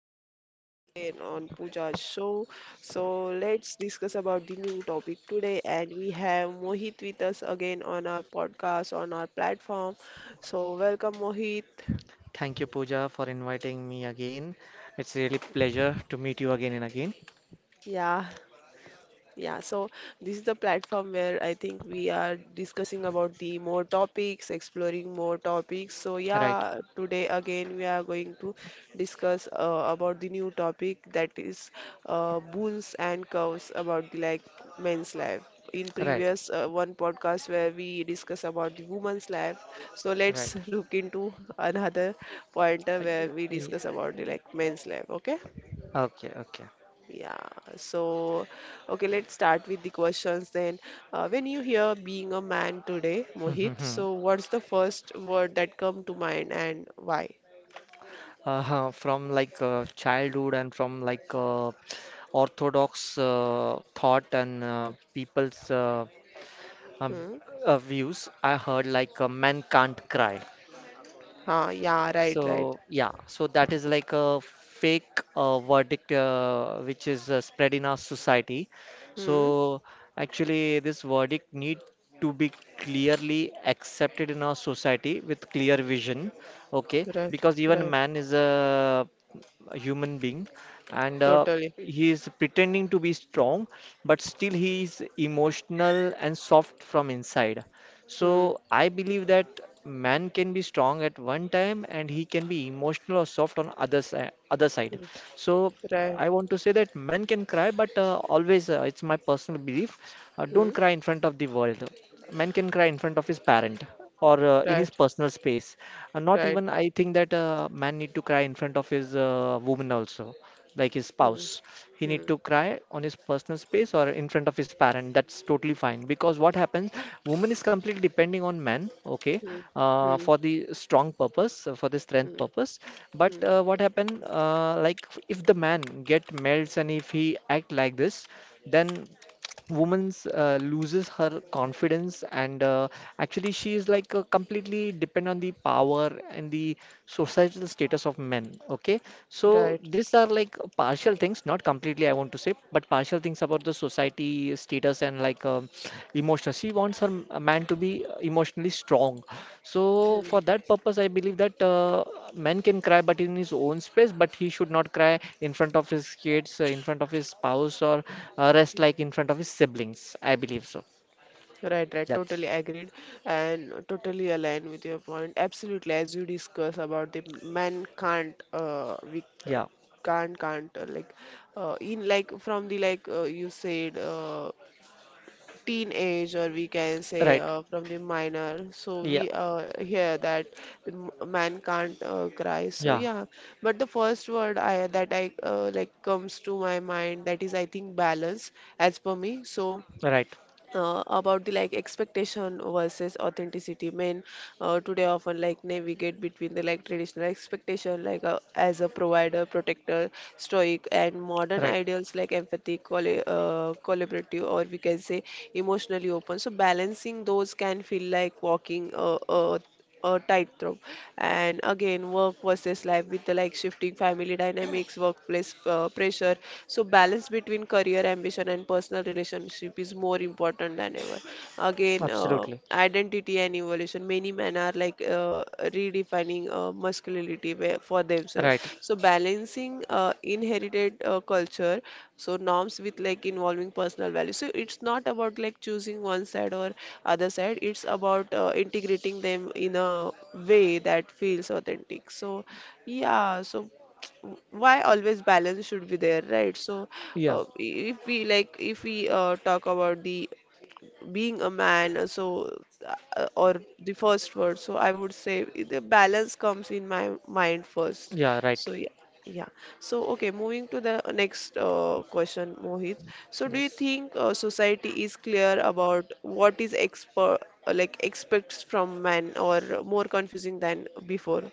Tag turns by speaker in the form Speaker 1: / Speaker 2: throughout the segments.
Speaker 1: we are here again on Pooja's show. So let's discuss about the new topic today, and we have Mohit with us again on our podcast on our platform. So welcome, Mohit.
Speaker 2: Thank you, Pooja, for inviting me again. It's really pleasure to meet you again and again.
Speaker 1: Yeah. Yeah, so this is the platform where I think we are discussing about the more topics, exploring more topics. So
Speaker 2: Right,
Speaker 1: yeah, today again we are going to discuss about the new topic that is boons and curves about the like men's life. In
Speaker 2: right,
Speaker 1: previous one podcast where we discuss about the woman's life, so
Speaker 2: right.
Speaker 1: let's look into another pointer
Speaker 2: Uh, y-
Speaker 1: where we discuss about
Speaker 2: yeah,
Speaker 1: the like men's life. Okay?
Speaker 2: okay, okay.
Speaker 1: Yeah, so okay, let's start with the questions then. When you hear being a man today, Mohit, so what's the first word that come to mind and why?
Speaker 2: From like childhood and from like orthodox thought and people's um,
Speaker 1: Hmm?
Speaker 2: views, I heard like men can't cry.
Speaker 1: Ah, yeah, right, right.
Speaker 2: So yeah, so that is like a fake verdict which is spread in our society.
Speaker 1: Hmm?
Speaker 2: So actually, this verdict need to be clearly accepted in our society with clear vision. Okay,
Speaker 1: Right,
Speaker 2: because even
Speaker 1: right.
Speaker 2: man is a human being, and
Speaker 1: Totally.
Speaker 2: he is pretending to be strong, but still he is emotional and soft from inside.
Speaker 1: Hmm.
Speaker 2: So I believe that man can be strong at one time and he can be emotional or soft on other side, other side.
Speaker 1: Hmm.
Speaker 2: So
Speaker 1: Right.
Speaker 2: I want to say that men can cry, but always it's my personal belief. Don't
Speaker 1: Hmm.
Speaker 2: cry in front of the world. Man can cry in front of his parent or in his
Speaker 1: Right,
Speaker 2: personal space. And not
Speaker 1: right.
Speaker 2: even I think that a man need to cry in front of his woman also, like his
Speaker 1: Hmm.
Speaker 2: spouse. He
Speaker 1: Hmm.
Speaker 2: need to cry on his personal space or in front of his parent. That's totally fine because what happens, woman is completely depending on man, okay,
Speaker 1: Hmm. Hmm.
Speaker 2: for the strong purpose, for the strength
Speaker 1: Hmm.
Speaker 2: purpose. But
Speaker 1: Hmm.
Speaker 2: what happen, like if the man get melts and if he act like this, then woman's loses her confidence and actually she is like completely depend on the power and the societal status of men. Okay, so
Speaker 1: Right.
Speaker 2: these are like partial things, not completely, I want to say, but partial things about the society status and like emotional. She wants a man to be emotionally strong. So
Speaker 1: Hmm.
Speaker 2: for that purpose, I believe that man can cry, but in his own space, but he should not cry in front of his kids, in front of his spouse, or rest like in front of his siblings. I believe so.
Speaker 1: Right, right.
Speaker 2: That's
Speaker 1: Totally agreed and totally aligned with your point. Absolutely, as you discuss about the man can't, we
Speaker 2: yeah,
Speaker 1: can't like, in like from the like you said, teenage or we can say
Speaker 2: right.
Speaker 1: from the minor. So
Speaker 2: Yeah,
Speaker 1: we hear that the man can't cry. So
Speaker 2: yeah,
Speaker 1: yeah, but the first word I that I like comes to my mind, that is I think balance as per me. So
Speaker 2: right,
Speaker 1: about the like expectation versus authenticity, men today often like navigate between the like traditional expectation like as a provider protector stoic and modern
Speaker 2: right.
Speaker 1: ideals like empathy collaborative, or we can say emotionally open, so balancing those can feel like walking a tightrope. And again, work versus life with the like shifting family dynamics, workplace pressure. So balance between career ambition and personal relationship is more important than ever. Again,
Speaker 2: Absolutely,
Speaker 1: identity and evolution, many men are like redefining masculinity where, for themselves.
Speaker 2: right.
Speaker 1: So balancing inherited culture, so norms with like involving personal values. So it's not about like choosing one side or other side. It's about integrating them in a way that feels authentic. So yeah, so why always balance should be there, right? So
Speaker 2: Yeah,
Speaker 1: if we like, if we talk about the being a man, or the first word. So I would say the balance comes in my mind first.
Speaker 2: yeah, right.
Speaker 1: So yeah, yeah. So okay, moving to the next question, Mohit. So do you
Speaker 2: Yes.
Speaker 1: think society is clear about what is exper like expects from men, or more confusing than before?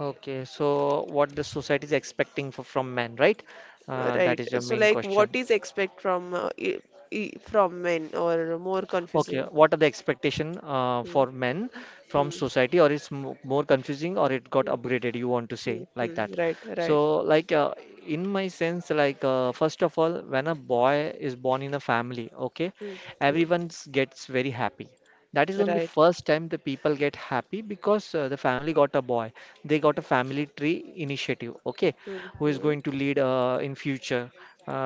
Speaker 2: Okay, so what the society is expecting for, from men, right?
Speaker 1: Right.
Speaker 2: That is your
Speaker 1: So
Speaker 2: main
Speaker 1: like, what
Speaker 2: question.
Speaker 1: is expect from from men, or more
Speaker 2: Okay,
Speaker 1: confusing?
Speaker 2: what are the expectation
Speaker 1: Hmm,
Speaker 2: for men from
Speaker 1: hmm,
Speaker 2: society, or it's mo more confusing, or it got
Speaker 1: hmm,
Speaker 2: upgraded? You want to say
Speaker 1: hmm,
Speaker 2: like
Speaker 1: hmm.
Speaker 2: that?
Speaker 1: Right, right.
Speaker 2: So, like in my sense, like first of all, when a boy is born in a family, okay,
Speaker 1: Hmm, hmm, hmm.
Speaker 2: gets very happy. That is only
Speaker 1: Right.
Speaker 2: first time the people get happy because the family got a boy. They got a family tree initiative. Okay,
Speaker 1: Hmm,
Speaker 2: who is
Speaker 1: hmm,
Speaker 2: going to lead in future,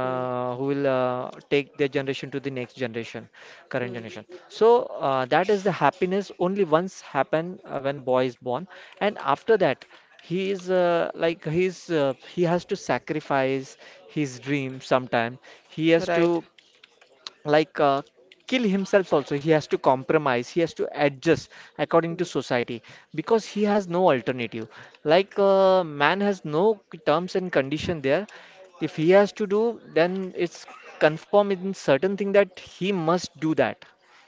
Speaker 1: hmm,
Speaker 2: who will take their generation to the next generation, current
Speaker 1: hmm.
Speaker 2: generation. So that is the happiness only once happen when a boy is born, and after that he is like he's he has to sacrifice his dream sometime. He has
Speaker 1: Right.
Speaker 2: to like uh, kill himself also. He has to compromise, he has to adjust according to
Speaker 1: Hmm.
Speaker 2: society because he has no alternative, like man has no terms and condition there. If he has to do, then it's confirm in certain thing that he must do that.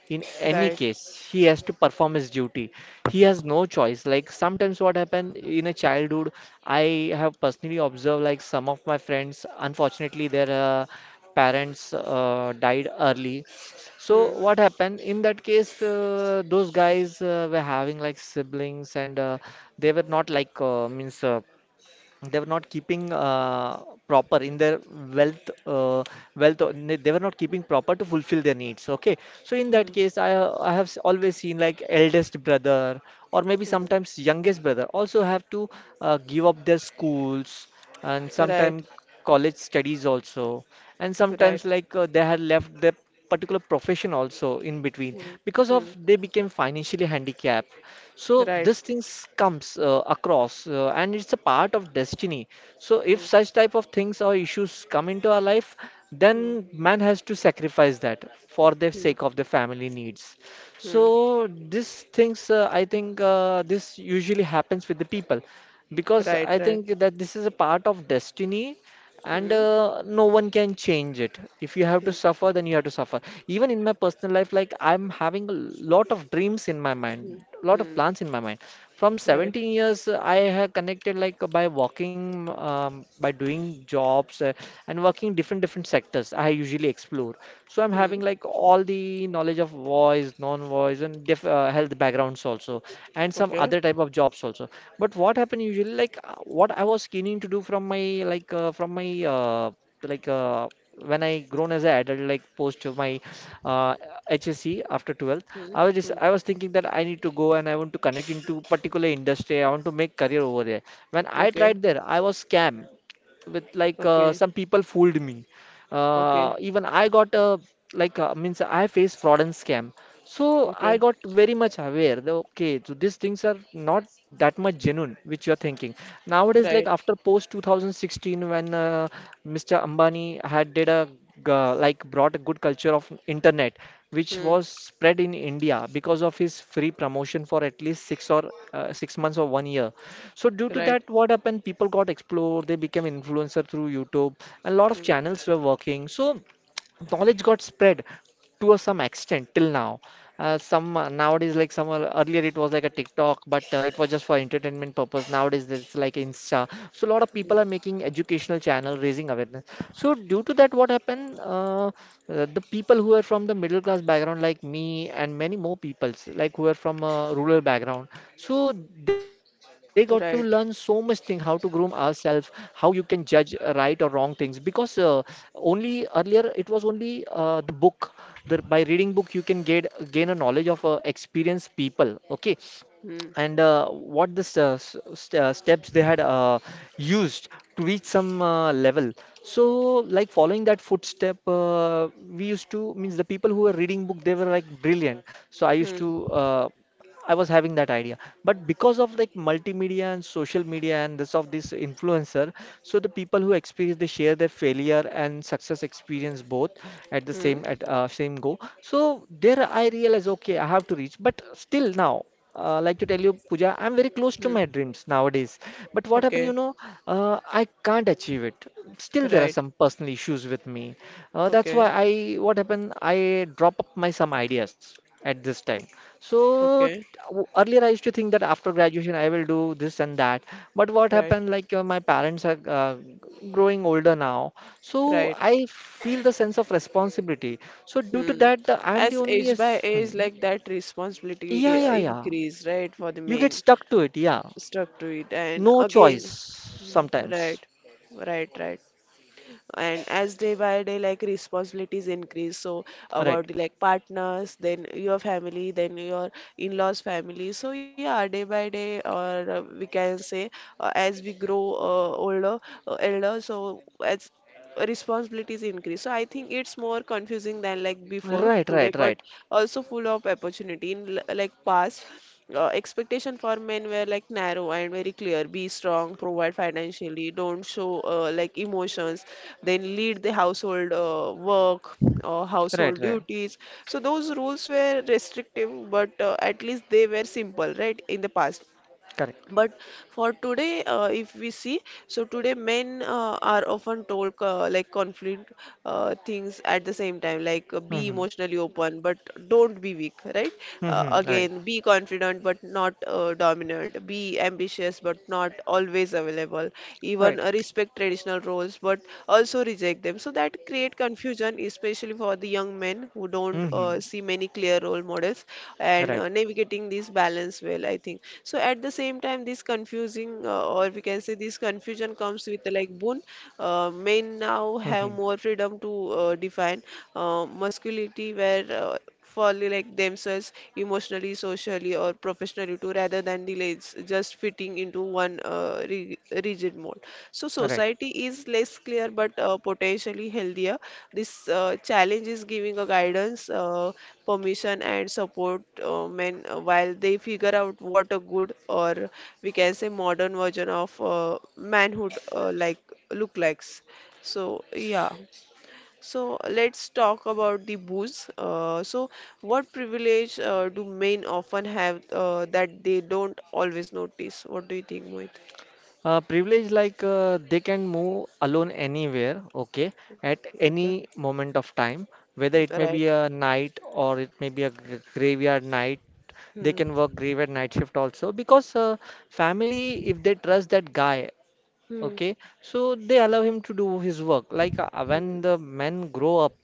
Speaker 2: In any
Speaker 1: Right.
Speaker 2: case he has to perform his duty, he has no choice. Like sometimes what happened in a childhood, I have personally observed like some of my friends unfortunately their parents died early. So
Speaker 1: Hmm,
Speaker 2: what happened in that case, those guys were having like siblings and they were not like means they were not keeping proper in their wealth, they were not keeping proper to fulfill their needs. Okay, so in
Speaker 1: hmm,
Speaker 2: that case I have always seen like eldest brother or maybe
Speaker 1: hmm.
Speaker 2: sometimes youngest brother also have to give up their schools and
Speaker 1: Right.
Speaker 2: sometimes college studies also, and
Speaker 1: Right.
Speaker 2: sometimes like they had left their particular profession also in between
Speaker 1: Hmm,
Speaker 2: because of
Speaker 1: hmm,
Speaker 2: they became financially handicapped.
Speaker 1: hmm.
Speaker 2: So
Speaker 1: Right.
Speaker 2: this things comes across and it's a part of destiny. So
Speaker 1: Hmm,
Speaker 2: if such type of things or issues come into our life,
Speaker 1: hmm,
Speaker 2: then man has to sacrifice that for the
Speaker 1: hmm,
Speaker 2: sake of the family needs.
Speaker 1: hmm.
Speaker 2: So these things, I think this usually happens with the people because
Speaker 1: Right.
Speaker 2: I
Speaker 1: Right.
Speaker 2: think that this is a part of destiny, and
Speaker 1: Hmm,
Speaker 2: no one can change it. If you have
Speaker 1: hmm,
Speaker 2: to suffer, then you have to suffer. Even in my personal life, like I'm having a lot of dreams in my
Speaker 1: hmm,
Speaker 2: mind, lot of
Speaker 1: hmm.
Speaker 2: plans in my mind. From
Speaker 1: Right.
Speaker 2: 17 years, I have connected like by walking, by doing jobs and working different different sectors. I usually explore. So I'm
Speaker 1: Hmm.
Speaker 2: having like all the knowledge of voice, non-voice, and diff health backgrounds also, and some
Speaker 1: Okay.
Speaker 2: other type of jobs also. But what happened usually, like what I was keening to do from my like uh, when I grown as an adult, like post of my uh, HSC after 12th,
Speaker 1: Hmm, hmm.
Speaker 2: I was thinking that I need to go and I want to connect into particular industry. I want to make career over there. When I
Speaker 1: Okay.
Speaker 2: tried there, I was scam with like
Speaker 1: Okay.
Speaker 2: some people fooled me.
Speaker 1: Okay.
Speaker 2: Even I got like means I faced fraud and scam. So I
Speaker 1: Okay.
Speaker 2: got very much aware that okay, so these things are not that much genuine, which you're thinking. Nowadays,
Speaker 1: Right.
Speaker 2: like after post 2016, when Mr. Ambani had did a g- like brought a good culture of internet, which
Speaker 1: Hmm.
Speaker 2: was spread in India because of his free promotion for at least six or 6 months or 1 year. So due to
Speaker 1: Right.
Speaker 2: that, what happened? People got explore. They became influencer through YouTube, and a lot of
Speaker 1: Hmm,
Speaker 2: channels were working. So knowledge got spread to some extent till now. Some nowadays, like earlier, it was like a TikTok, but it was just for entertainment purpose. Nowadays, it's like Insta. So a lot of
Speaker 1: hmm.
Speaker 2: people are making educational channel, raising awareness. So due to that, what happened? The people who are from the middle class background, like me, and many more peoples, like who are from a rural background, so they got to learn so much
Speaker 1: Right.
Speaker 2: thing, how to groom ourselves, how you can judge right or wrong things, because only earlier, it was only the book. By reading book, you can get gain a knowledge of experienced people. Okay,
Speaker 1: Hmm,
Speaker 2: and what the st st steps they had used to reach some level. So, like following that footstep, we used to means the people who were reading book they were like brilliant. So I used
Speaker 1: hmm,
Speaker 2: to I was having that idea, but because of like multimedia and social media and this influencer, so the people who experience they share their failure and success experience both at the
Speaker 1: hmm,
Speaker 2: same at same go. So there I realize okay I have to reach, but still now like to tell you, Pooja, I'm very close to
Speaker 1: hmm.
Speaker 2: my dreams nowadays. But what happened, you
Speaker 1: Okay.
Speaker 2: know, I can't achieve it. Still, there are
Speaker 1: Right.
Speaker 2: some personal issues with me. That's why
Speaker 1: Okay.
Speaker 2: I drop up my some ideas at this time. So t-
Speaker 1: Okay.
Speaker 2: earlier I used to think that after graduation I will do this and that. But what
Speaker 1: Right.
Speaker 2: happened, like my parents are growing older now, so
Speaker 1: Right.
Speaker 2: I feel the sense of responsibility. So due to
Speaker 1: Hmm.
Speaker 2: that, the, I'm the
Speaker 1: As
Speaker 2: only.
Speaker 1: age by
Speaker 2: Yes.
Speaker 1: age,
Speaker 2: Hmm,
Speaker 1: like that
Speaker 2: yeah,
Speaker 1: responsibility
Speaker 2: yeah, yeah,
Speaker 1: increase, right, for the
Speaker 2: you get
Speaker 1: men
Speaker 2: stuck to it. Yeah,
Speaker 1: stuck to it. And
Speaker 2: no choice
Speaker 1: again,
Speaker 2: sometimes.
Speaker 1: right, right, right. And as day by day like responsibilities increase, so
Speaker 2: Right,
Speaker 1: about like partners, then your family, then your in-laws family. So yeah, day by day, or we can say as we grow older elder, so as responsibilities increase, so I think it's more confusing than like before
Speaker 2: right,
Speaker 1: today,
Speaker 2: right,
Speaker 1: but
Speaker 2: right,
Speaker 1: also full of opportunity. In like past, expectation for men were like narrow and very clear: be strong, provide financially, don't show like emotions, then lead the household work,
Speaker 2: right,
Speaker 1: household
Speaker 2: right,
Speaker 1: duties. So those rules were restrictive, but at least they were simple, right, in the past.
Speaker 2: correct.
Speaker 1: But for today, if we see, so today men are often told like conflict things at the same time, like be
Speaker 2: Mm-hmm.
Speaker 1: emotionally open, but don't be weak, right?
Speaker 2: Mm-hmm. Right,
Speaker 1: Again, be confident but not dominant, be ambitious but not always available, even
Speaker 2: right.
Speaker 1: respect traditional roles but also reject them. So that create confusion, especially for the young men who don't
Speaker 2: Mm-hmm.
Speaker 1: see many clear role models, and
Speaker 2: Right.
Speaker 1: navigating this balance well, I think. So at the same time, this confusing, or we can say this confusion comes with like boon. Men
Speaker 2: Mm-hmm.
Speaker 1: now have more freedom to define masculinity where, for like themselves, emotionally, socially, or professionally too, rather than delays just fitting into one rigid mold. So
Speaker 2: Right.
Speaker 1: society is less clear but potentially healthier. This challenge is giving a guidance, permission, and support men while they figure out what a good, or we can say modern version of manhood like look likes. So yeah. So let's talk about the booze. What privilege do men often have that they don't always notice? What do you think, Mohit?
Speaker 2: Uh, privilege like they can move alone anywhere. Okay, at
Speaker 1: Okay,
Speaker 2: any moment of time, whether it may be
Speaker 1: right.
Speaker 2: a night or it may be a graveyard night. They
Speaker 1: Hmm.
Speaker 2: can work graveyard night shift also because family if they trust that guy.
Speaker 1: Hmm.
Speaker 2: Okay, so they allow him to do his work. Like when
Speaker 1: Hmm.
Speaker 2: the men grow up,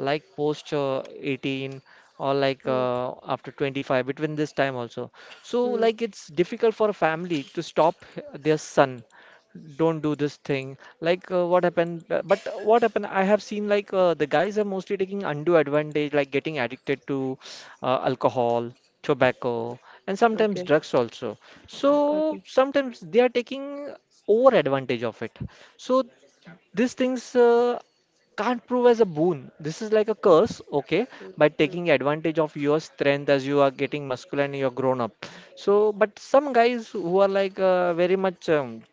Speaker 2: like post 18 or like
Speaker 1: Hmm.
Speaker 2: after 25, between this time also. So
Speaker 1: Hmm.
Speaker 2: like it's difficult for a family to stop their son. Don't do this thing. Like what happened? But what happened? I have seen like the guys are mostly taking undue advantage, like getting addicted to alcohol, tobacco, and sometimes
Speaker 1: Okay.
Speaker 2: drugs also. So
Speaker 1: Okay.
Speaker 2: sometimes they are taking over advantage of it. So these things can't prove as a boon. This is like a curse, okay,
Speaker 1: Hmm.
Speaker 2: by
Speaker 1: Hmm.
Speaker 2: taking advantage of your strength as you are getting muscular and you're grown up. So, but some guys who are like very much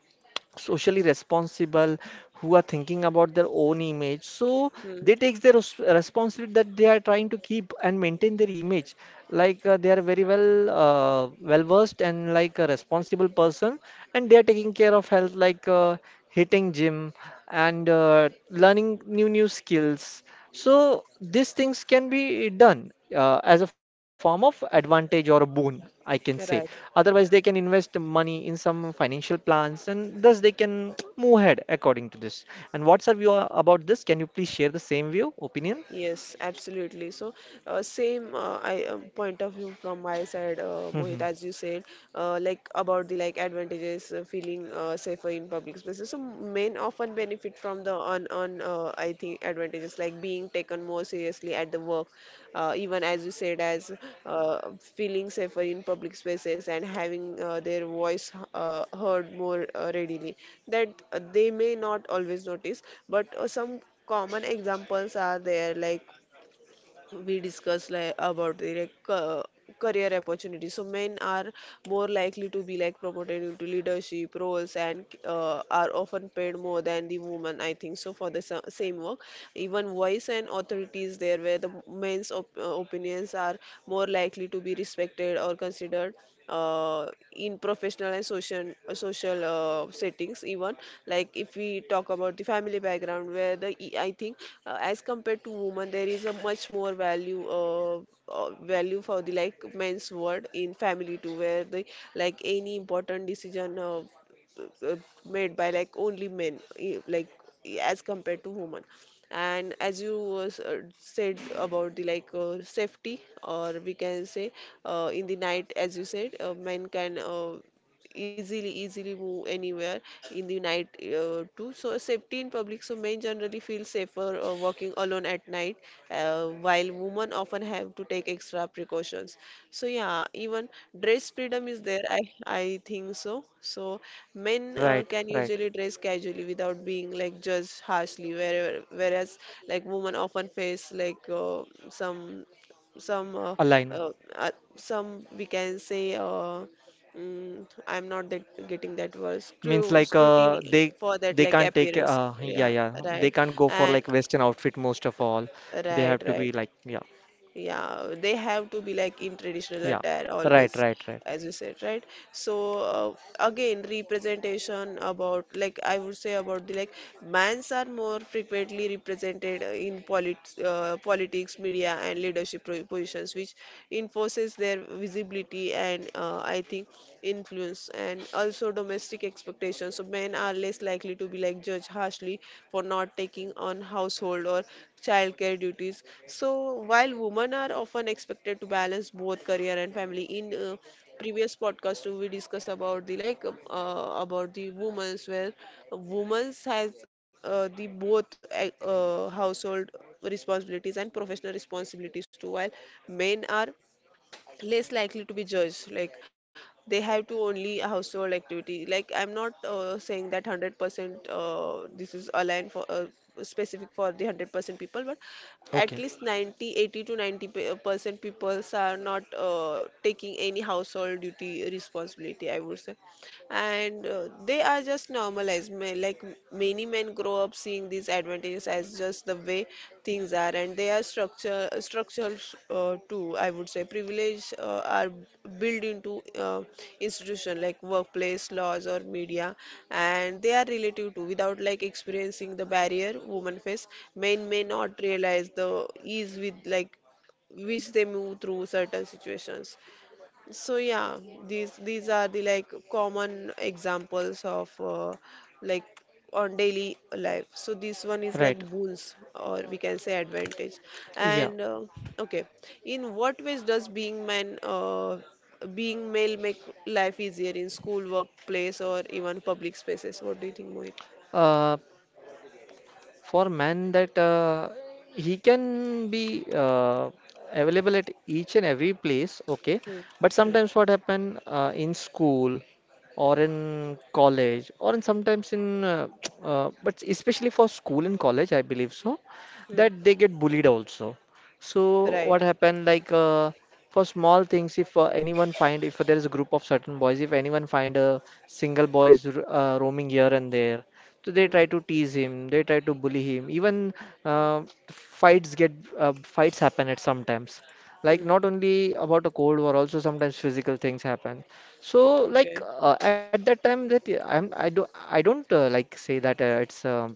Speaker 2: socially responsible, who are thinking about their own image. So
Speaker 1: Hmm.
Speaker 2: they take their responsibility that they are trying to keep and maintain their image. They are very well well versed and like a responsible person, and they are taking care of health, hitting gym and learning new skills. So these things can be done as a form of advantage or a boon, I can say.
Speaker 1: Right.
Speaker 2: Otherwise, they can invest money in some financial plans and thus they can move ahead according to this. And what's your view about this? Can you please share the same view, opinion?
Speaker 1: Yes, absolutely. So, same I point of view from my side, Mohit,
Speaker 2: Mhm.
Speaker 1: as you said, like about the like advantages, feeling safer in public spaces. So, men often benefit from the on I think advantages like being taken more seriously at the work, even as you said, as uh, feeling safer in public spaces and having their voice heard more readily, that they may not always notice, but some common examples are there, like we discuss like about the like, career opportunities. So men are more likely to be like promoted into leadership roles, and are often paid more than the women, I think so, for the same work. Even voice and authority is there where the men's opinions are more likely to be respected or considered uh, in professional and social social settings. Even like if we talk about the family background, where the e, I think, as compared to women, there is a much more value value for the like men's word in family too, where the like any important decision uh, made by like only men eh, like eh, as compared to women. And as you said about the like safety, or we can say in the night, as you said men can easily move anywhere in the night too. So safety in public, so men generally feel safer walking alone at night, while women often have to take extra precautions. So yeah, even dress freedom is there, I think so. So men
Speaker 2: Right,
Speaker 1: can
Speaker 2: right.
Speaker 1: usually dress casually without being like judged harshly where, whereas like women often face like some some uh,
Speaker 2: Align
Speaker 1: uh, uh, some, we can say, mm, I'm not that getting that word,
Speaker 2: means
Speaker 1: scrutiny
Speaker 2: they
Speaker 1: for that
Speaker 2: they
Speaker 1: like
Speaker 2: can't take
Speaker 1: appearance.
Speaker 2: yeah,
Speaker 1: Yeah,
Speaker 2: yeah, they
Speaker 1: right.
Speaker 2: can't go for
Speaker 1: And
Speaker 2: like Western outfit most of all. They
Speaker 1: right,
Speaker 2: have to be
Speaker 1: right.
Speaker 2: like, yeah,
Speaker 1: Yeah, they have to be like in traditional
Speaker 2: yeah,
Speaker 1: attire
Speaker 2: right,
Speaker 1: always,
Speaker 2: right, right,
Speaker 1: as you said, right? So again, representation about like I would say about the like mans are more frequently represented in politics, media, and leadership positions, which enforces their visibility and I think influence, and also domestic expectations. So men are less likely to be like judged harshly for not taking on household or childcare duties. So while women are often expected to balance both career and family, in previous podcast too, we discuss about the like about the women's, where women's has the both household responsibilities and professional responsibilities too, while men are less likely to be judged like they have to only a household activity. Like I'm not saying that 100% this is aligned for specific for the 100% people, but at
Speaker 2: okay,
Speaker 1: least 90, 80 to 90 percent people are not taking any household duty responsibility, I would say. And they are just normalized. Many men grow up seeing these advantages as just the way things are, and they are structure structural too, I would say. Privilege are built into uh, institution like workplace laws or media, and they are relative to, without like experiencing the barrier women face, men may not realize the ease with like which they move through certain situations. So yeah, these are the like common examples of like on daily life. So this one is like
Speaker 2: right,
Speaker 1: boons, or we can say advantage.
Speaker 2: yeah.
Speaker 1: And okay, in what ways does being man being male make life easier in school, workplace, or even public spaces? What do you think, Mohit?
Speaker 2: Uh, for man that he can be available at each and every place, okay,
Speaker 1: Hmm,
Speaker 2: but
Speaker 1: hmm,
Speaker 2: sometimes what happen in school or in college or in sometimes in but especially for school and college, I believe so,
Speaker 1: hmm.
Speaker 2: that they get bullied also.
Speaker 1: Right.
Speaker 2: So what happened for small things, if anyone find, if there is a group of certain boys, if anyone find a single boys roaming here and there, so they
Speaker 1: Hmm,
Speaker 2: try to tease him, they try to bully him, even uh, fights get fights happen at sometimes, like
Speaker 1: hmm.
Speaker 2: not only about a cold war, also sometimes physical things happen. So
Speaker 1: Okay.
Speaker 2: at that time that I'm I do I don't like say that uh, it's um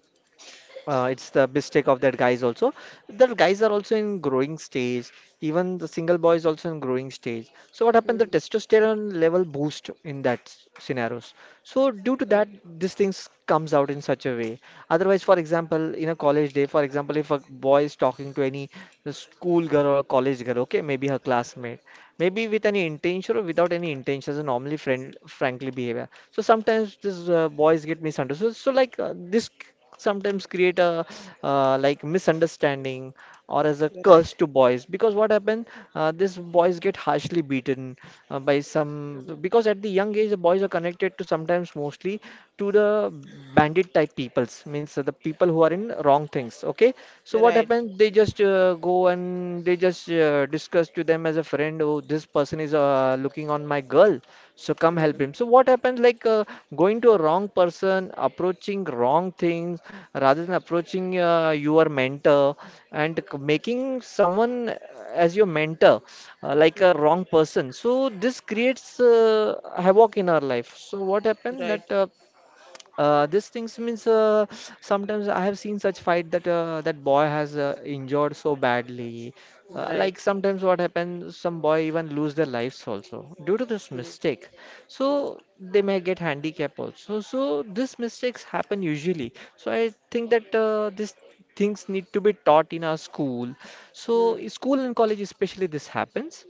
Speaker 2: uh, it's the mistake of that guys also. The guys are also in growing stage. Even the single boy is also in growing stage. So what happened?
Speaker 1: Hmm.
Speaker 2: The testosterone level boost in that scenarios. So due to that,
Speaker 1: Right.
Speaker 2: these things comes out in such a way. Otherwise, for example, in a college day, for example, if a boy is talking to any school girl or college girl, okay, maybe her classmate, maybe with any intention or without any intention, is a normally friend, frankly behavior, so sometimes these boys get misunderstood. So this sometimes create a like misunderstanding or as a curse
Speaker 1: Right.
Speaker 2: to boys, because what happened, these boys get harshly beaten by some,
Speaker 1: Hmm.
Speaker 2: because at the young age the boys are connected to sometimes mostly to the bandit type peoples, means the people who are in wrong things, okay, so what
Speaker 1: Right.
Speaker 2: happened, they just go and they just discuss to them as a friend, oh, this person is looking on my girl, so come
Speaker 1: Hmm.
Speaker 2: help him. So what happens, going to a wrong person, approaching wrong things rather than approaching your mentor and making someone as your mentor, like a
Speaker 1: Hmm.
Speaker 2: wrong person. So this creates havoc in our life. So what happened
Speaker 1: Right,
Speaker 2: that this things means sometimes I have seen such fight that that boy has injured so badly. Like
Speaker 1: right.
Speaker 2: sometimes what happens, some boy even lose their lives also due to this
Speaker 1: Hmm.
Speaker 2: mistake.
Speaker 1: Hmm.
Speaker 2: So they may get handicap also. So these mistakes happen usually. So I think that these things need to be taught in our school. So
Speaker 1: Hmm.
Speaker 2: in school and college especially this happens.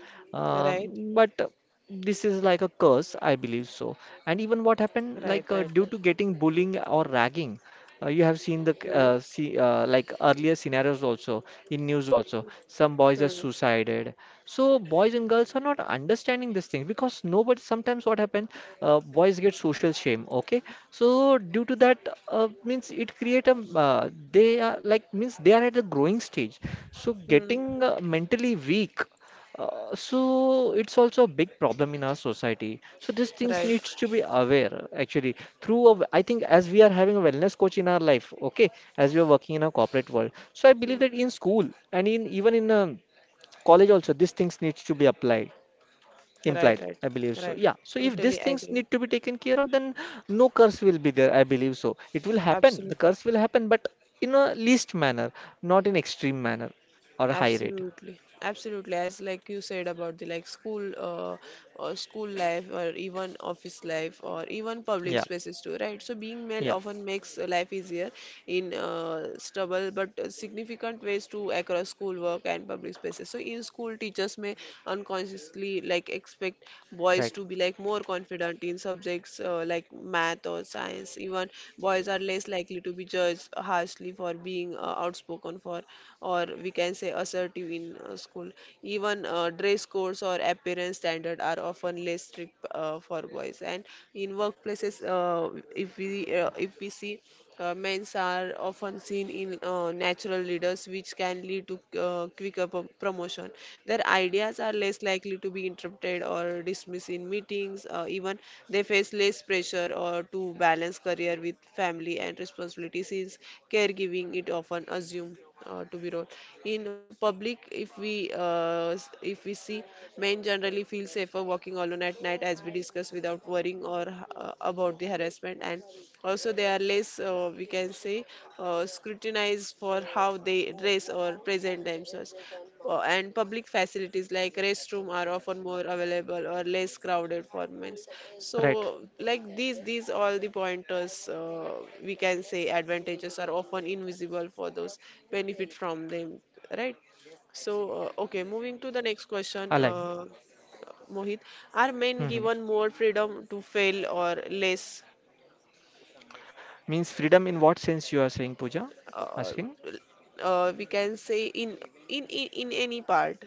Speaker 1: Right,
Speaker 2: But This is like a curse, I believe so. And even what
Speaker 1: right, right,
Speaker 2: happened,
Speaker 1: right.
Speaker 2: due to getting bullying or ragging, you have seen the
Speaker 1: Hmm.
Speaker 2: see like earlier scenarios also in news also. Some boys are
Speaker 1: Hmm.
Speaker 2: suicided. So boys and girls are not understanding this thing, because nobody. Sometimes what happens, boys get social shame. Okay, so due to that means it create a they are like, means they are at a growing stage. So getting
Speaker 1: Hmm.
Speaker 2: mentally weak, so it's also a big problem in our society. So these things
Speaker 1: Right.
Speaker 2: needs to be aware actually through a, I think as we are having a wellness coach in our life, okay, as we are working in a corporate world. So I
Speaker 1: Hmm.
Speaker 2: believe that in school and in even in college also these things needs to be applied,
Speaker 1: Right,
Speaker 2: implied,
Speaker 1: right,
Speaker 2: I believe so.
Speaker 1: right.
Speaker 2: Yeah. So if
Speaker 1: Totally
Speaker 2: these things
Speaker 1: agree.
Speaker 2: need to be taken care of, then no curse will be there, I believe so. It will happen. The
Speaker 1: Absolutely.
Speaker 2: curse will happen, but in a least manner, not in extreme manner or a high rate.
Speaker 1: Absolutely, absolutely. As like you said about the like school or school life or even office life or even public
Speaker 2: Yeah.
Speaker 1: spaces too, right? So being male
Speaker 2: Yeah.
Speaker 1: often makes life easier in stubble but significant ways to across school work and public spaces. So in school, teachers may unconsciously like expect boys
Speaker 2: Right.
Speaker 1: to be like more confident in subjects like math or science. Even boys are less likely to be judged harshly for being outspoken for or we can say assertive in school. Even dress codes or appearance standard are often less strict for boys. And in workplaces, if we see men are often seen in natural leaders, which can lead to quicker promotion. Their ideas are less likely to be interrupted or dismissed in meetings. Even they face less pressure or to balance career with family and responsibility since caregiving it often assumes to be wrong in public if we if we see men generally feel safer walking alone at night as we discussed without worrying or about the harassment and also they are less we can say scrutinized for how they dress or present themselves and public facilities like restroom are often more available or less crowded for men.
Speaker 2: Right.
Speaker 1: So, like these all the pointers we can say advantages are often invisible for those benefit from them, right? So, okay, moving to the next question,
Speaker 2: Alive.
Speaker 1: Mohit, are men
Speaker 2: Hmm.
Speaker 1: given more freedom to fail or less?
Speaker 2: Means freedom in what sense you are saying, Pooja?
Speaker 1: Uh,
Speaker 2: Asking
Speaker 1: we can say in in any part.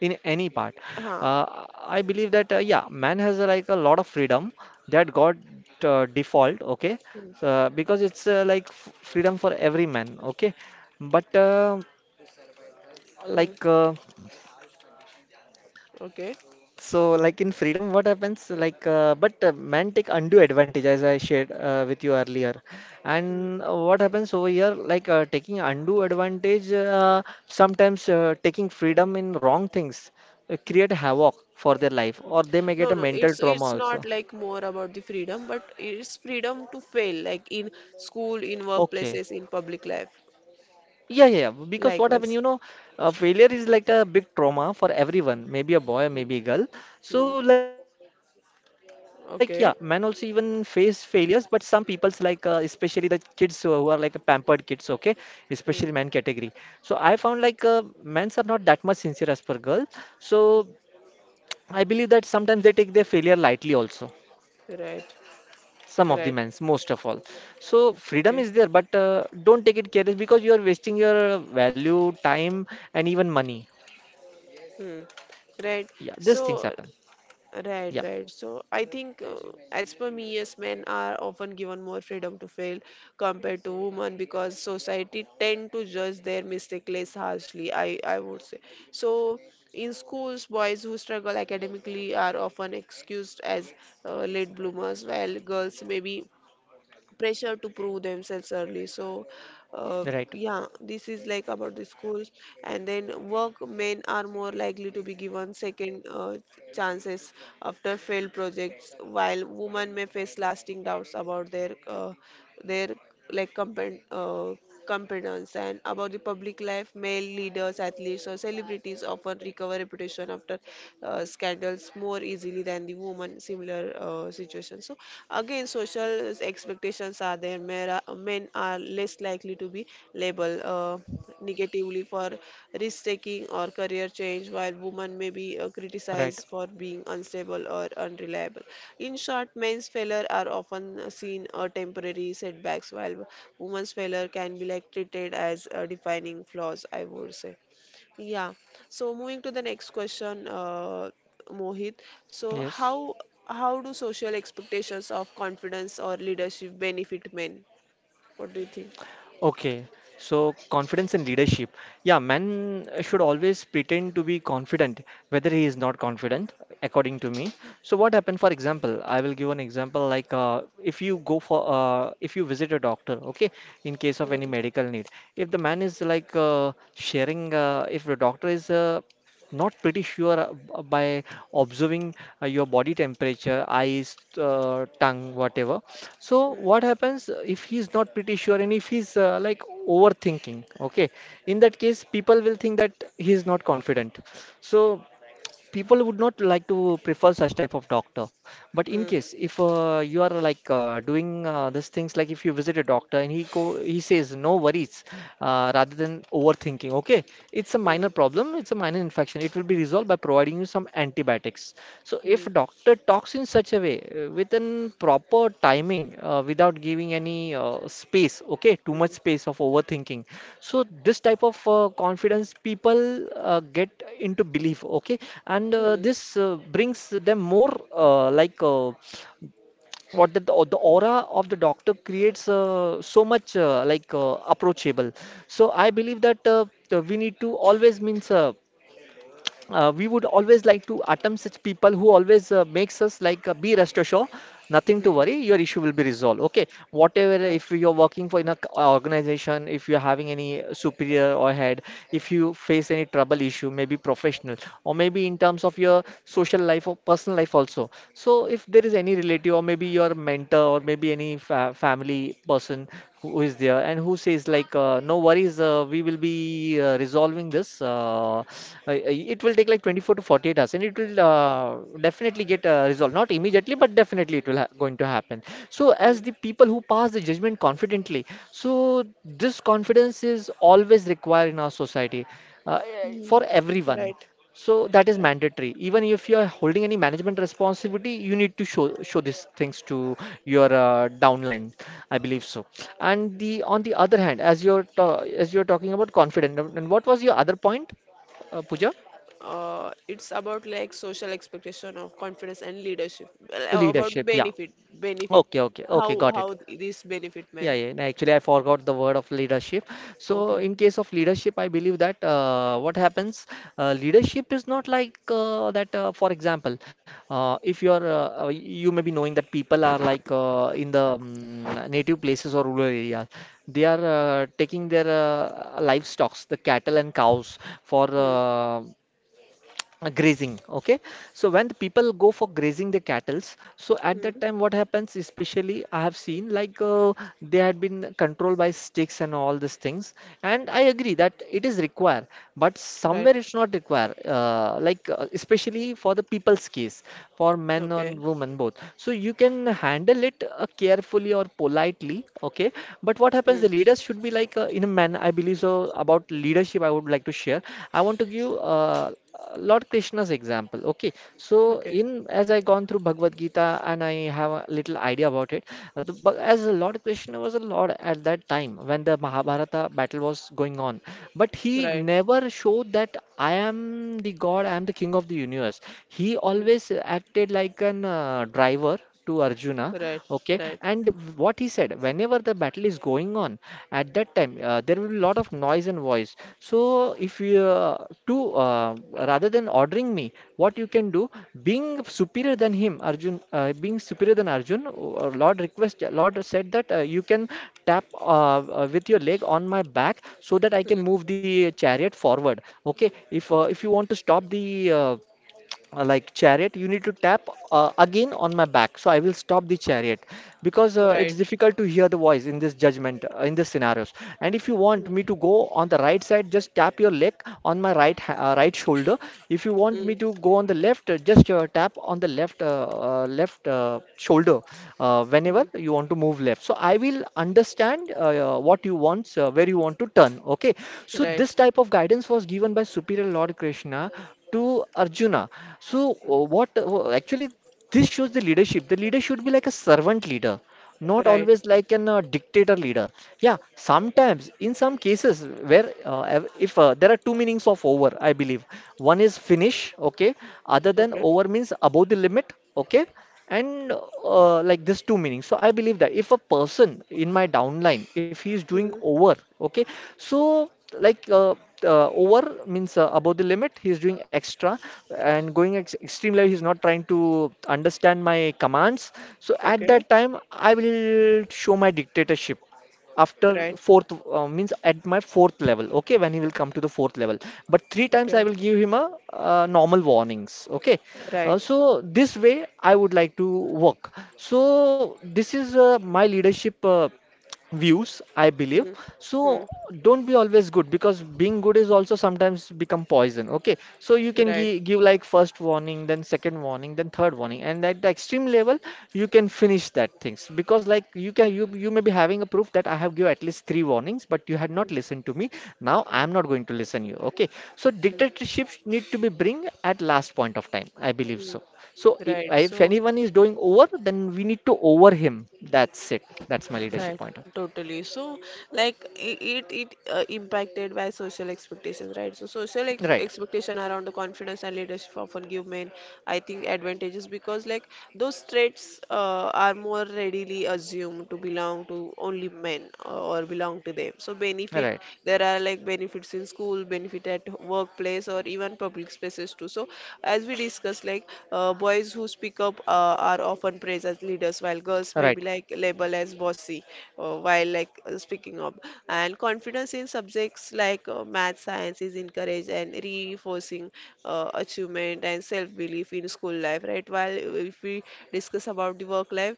Speaker 2: in any part.
Speaker 1: Huh.
Speaker 2: Uh, I believe that yeah, man has like a lot of freedom that got default. Okay,
Speaker 1: Hmm.
Speaker 2: so because it's like f freedom for every man. Okay, but
Speaker 1: Hmm.
Speaker 2: like. Uh,
Speaker 1: Okay.
Speaker 2: so, like in freedom, what happens? Like, but men take undue advantage, as I shared with you earlier. And what happens over here? Taking undue advantage, sometimes taking freedom in wrong things, create
Speaker 1: No,
Speaker 2: havoc for their life, or they may
Speaker 1: no,
Speaker 2: get a mental trauma
Speaker 1: it's not
Speaker 2: also.
Speaker 1: like more about the freedom, but it's freedom to fail, like in school, in
Speaker 2: Okay.
Speaker 1: workplaces, in public life,
Speaker 2: Yeah, yeah, yeah. Because what happened, you
Speaker 1: likewise.
Speaker 2: know, failure is like a big trauma for everyone, maybe a boy,
Speaker 1: Hmm.
Speaker 2: maybe a girl. So,
Speaker 1: Hmm.
Speaker 2: like, yeah, men also even face
Speaker 1: Okay.
Speaker 2: failures, but some people's like, especially the kids who are like pampered kids, okay, especially men category.
Speaker 1: Hmm.
Speaker 2: So I found like men's are not that much sincere as per girl. So I believe that sometimes they take their failure lightly also,
Speaker 1: Right.
Speaker 2: some of the
Speaker 1: Right.
Speaker 2: men's most of all. So freedom is
Speaker 1: Okay.
Speaker 2: there, but don't take it careless, because you are wasting your value time and even money.
Speaker 1: Hmm. Right.
Speaker 2: Yeah, these
Speaker 1: So
Speaker 2: things happen.
Speaker 1: right,
Speaker 2: Yeah,
Speaker 1: right. So I think, as per me, yes, men are often given more freedom to fail compared to women because society tend to judge their mistake less harshly, I would say. So in schools, boys who struggle academically are often excused as late bloomers, while girls may be pressure to prove themselves early so uh,
Speaker 2: right,
Speaker 1: yeah, this is like about the schools, and then work men are more likely to be given second chances after failed projects while women may face lasting doubts about their like competence and about the public life, male leaders, athletes, or celebrities often recover reputation after scandals more easily than the woman similar situation. So again, social expectations are there. Men are less likely to be labeled. Negatively for risk taking or career change, while women may be
Speaker 2: right,
Speaker 1: criticized for being unstable or unreliable. In short, men's failure are often seen temporary setbacks, while women's failure can be like treated as defining flaws, I would say. Yeah. So moving to the next question, Mohit. So
Speaker 2: yes.
Speaker 1: how do social expectations of confidence or leadership benefit men? What do you think?
Speaker 2: Okay, so confidence and leadership. Yeah, man should always pretend to be confident, whether he is not confident, according to me. So what happened, for example, I will give an example like if you go for if you visit a doctor, okay, in case of any
Speaker 1: Hmm.
Speaker 2: medical need, if the man is like if the doctor is not pretty sure by observing your body temperature, eyes, tongue, whatever. So what happens if he's not pretty sure and if he's like overthinking? Okay, in that case, people will think that he is not confident. So people would not like to prefer such type of doctor, but in
Speaker 1: Hmm.
Speaker 2: case if you are like doing these things, like if you visit a doctor and he go, he says, no worries, rather than overthinking, okay, it's a
Speaker 1: Hmm.
Speaker 2: minor problem, it's a minor infection, it will be resolved by providing you some antibiotics. So if
Speaker 1: Mm,
Speaker 2: doctor talks in such a way with an proper timing without giving any space, okay, too
Speaker 1: mm,
Speaker 2: much
Speaker 1: mm,
Speaker 2: space of overthinking, so this type of confidence people get into belief, okay, and
Speaker 1: mm.
Speaker 2: this brings them more uh, like uh, what the, the aura of the doctor creates so much approachable. So I believe that we need to always means we would always like to attempt such people who always makes us like be rest assured, nothing to worry, your issue will be resolved, okay, whatever.
Speaker 1: Right.
Speaker 2: If you're working for in a organization, if you're having any superior or head, if you face any trouble issue, maybe professional or maybe in terms of your social life or personal life also, so if there is any relative or maybe your mentor or maybe any fa family person who is there and who says like, no worries, we will be resolving this. It will take like 24 to 48 hours, and it will definitely get resolved. Not immediately, but definitely it will ha going to happen. So
Speaker 1: Mm,
Speaker 2: as the people who pass the judgment confidently, so this confidence is always required in our society uh,
Speaker 1: mm.
Speaker 2: for everyone.
Speaker 1: Right.
Speaker 2: So that is
Speaker 1: Right.
Speaker 2: mandatory. Even if you are holding any management responsibility, you need to show these things to your downline, I believe so. And the on the other hand, as you're as you're talking about confident, and what was your other point, Pooja?
Speaker 1: It's about like social expectation of confidence and leadership. Well, about the
Speaker 2: Leadership. Yeah.
Speaker 1: benefit, benefit.
Speaker 2: Okay. Okay. Okay.
Speaker 1: How
Speaker 2: Got it.
Speaker 1: how this benefit
Speaker 2: Yeah,
Speaker 1: man?
Speaker 2: yeah. and Actually, I forgot the word of leadership. So
Speaker 1: Okay.
Speaker 2: in case of leadership, I believe that what happens, leadership is not like that. For example, if you are, you may be knowing that people are like in the native places or rural areas, they are taking their livestock, the cattle and cows, for
Speaker 1: Hmm.
Speaker 2: grazing. Okay, so when the people go for grazing the cattles, so at
Speaker 1: Hmm.
Speaker 2: that time what happens, especially I have seen like they had been controlled by sticks and all these things, and I agree that it is required, but
Speaker 1: Right.
Speaker 2: somewhere it's not required, like especially for the people's case, for men
Speaker 1: Okay.
Speaker 2: and women both. So you can handle it carefully or politely, okay? But what
Speaker 1: Hmm.
Speaker 2: happens, the leaders should be like in a man, I believe. So about leadership, I would like to share. I want to give Lord Krishna's example. Okay, so
Speaker 1: Okay.
Speaker 2: in as I gone through Bhagavad Gita and I have a little idea about it, but as Lord Krishna was a lord at that time when the Mahabharata battle was going on, but he
Speaker 1: Right.
Speaker 2: never showed that I am the god, I am the king of the universe. He
Speaker 1: Hmm.
Speaker 2: always acted like an driver to Arjuna,
Speaker 1: Right.
Speaker 2: okay,
Speaker 1: Right.
Speaker 2: and what he said, whenever the battle is going on, at that time there will be a lot of noise and voice. So if you to rather than ordering me, what you can do, being superior than Arjun, Lord request, Lord said that you can tap with your leg on my back so that I can
Speaker 1: Hmm.
Speaker 2: move the chariot forward. Okay, if you want to stop the like chariot, you need to tap again on my back, so I will stop the chariot, because it's
Speaker 1: Right.
Speaker 2: difficult to hear the voice in this judgment, in this scenarios. And if you want
Speaker 1: Hmm.
Speaker 2: me to go on the right side, just tap your leg on my right shoulder. If you want
Speaker 1: Hmm.
Speaker 2: me to go on the left, just tap on the left shoulder, whenever
Speaker 1: Hmm.
Speaker 2: you want to move left, so I will understand what you want, where you want to turn, okay? So
Speaker 1: Right.
Speaker 2: this type of guidance was given by superior Lord Krishna to Arjuna. So,
Speaker 1: Hmm.
Speaker 2: what actually this shows the leadership. The leader should be like a servant leader, not
Speaker 1: Right.
Speaker 2: always like an dictator leader. Yeah, sometimes in some cases where ev- if there are two meanings of over, I believe. One is finish, okay. Other than
Speaker 1: Okay.
Speaker 2: over means above the limit, okay, and like this two meanings. So I believe that if a person in my downline, if he is doing
Speaker 1: Hmm.
Speaker 2: over, okay, so like uh, over means above the limit, he is doing extra and going ex extreme level, he's not trying to understand my commands. So at
Speaker 1: Okay.
Speaker 2: that time I will show my dictatorship after
Speaker 1: Right.
Speaker 2: fourth, means at my fourth level, okay, when he will come to the fourth level. But three times
Speaker 1: Okay.
Speaker 2: I will give him a normal warnings, okay. uh,
Speaker 1: Right.
Speaker 2: so this way I would like to work. So this is my leadership views, I believe.
Speaker 1: Hmm. Hmm.
Speaker 2: So don't be always good, because being good is also sometimes become poison. Okay, so you can
Speaker 1: Right.
Speaker 2: give like first warning, then second warning, then third warning, and at the extreme level, you can finish that things. Because like you can, you may be having a proof that I have give at least three warnings, but you had not listened to me. Now I am not going to listen you. Okay, so
Speaker 1: Hmm.
Speaker 2: dictatorships need to be bring at last point of time, I believe
Speaker 1: Hmm.
Speaker 2: so. So if,
Speaker 1: Right.
Speaker 2: if
Speaker 1: So,
Speaker 2: anyone is doing over, then we need to over him. That's it. That's my leadership
Speaker 1: right.
Speaker 2: point. Of
Speaker 1: Totally. So, like it it impacted by social expectations, right? So, social ex
Speaker 2: Right,
Speaker 1: expectation around the confidence and leadership often give men, I think, advantages because like those traits are more readily assumed to belong to only men or belong to them. So, benefit
Speaker 2: right,
Speaker 1: there are like benefits in school, benefit at workplace or even public spaces too, so as we discussed like boys who speak up are often praised as leaders while girls may be
Speaker 2: right.
Speaker 1: like labeled as bossy while like speaking up and confidence in subjects like math science is encouraged and reinforcing achievement and self belief in school life, right? While if we discuss about the work life,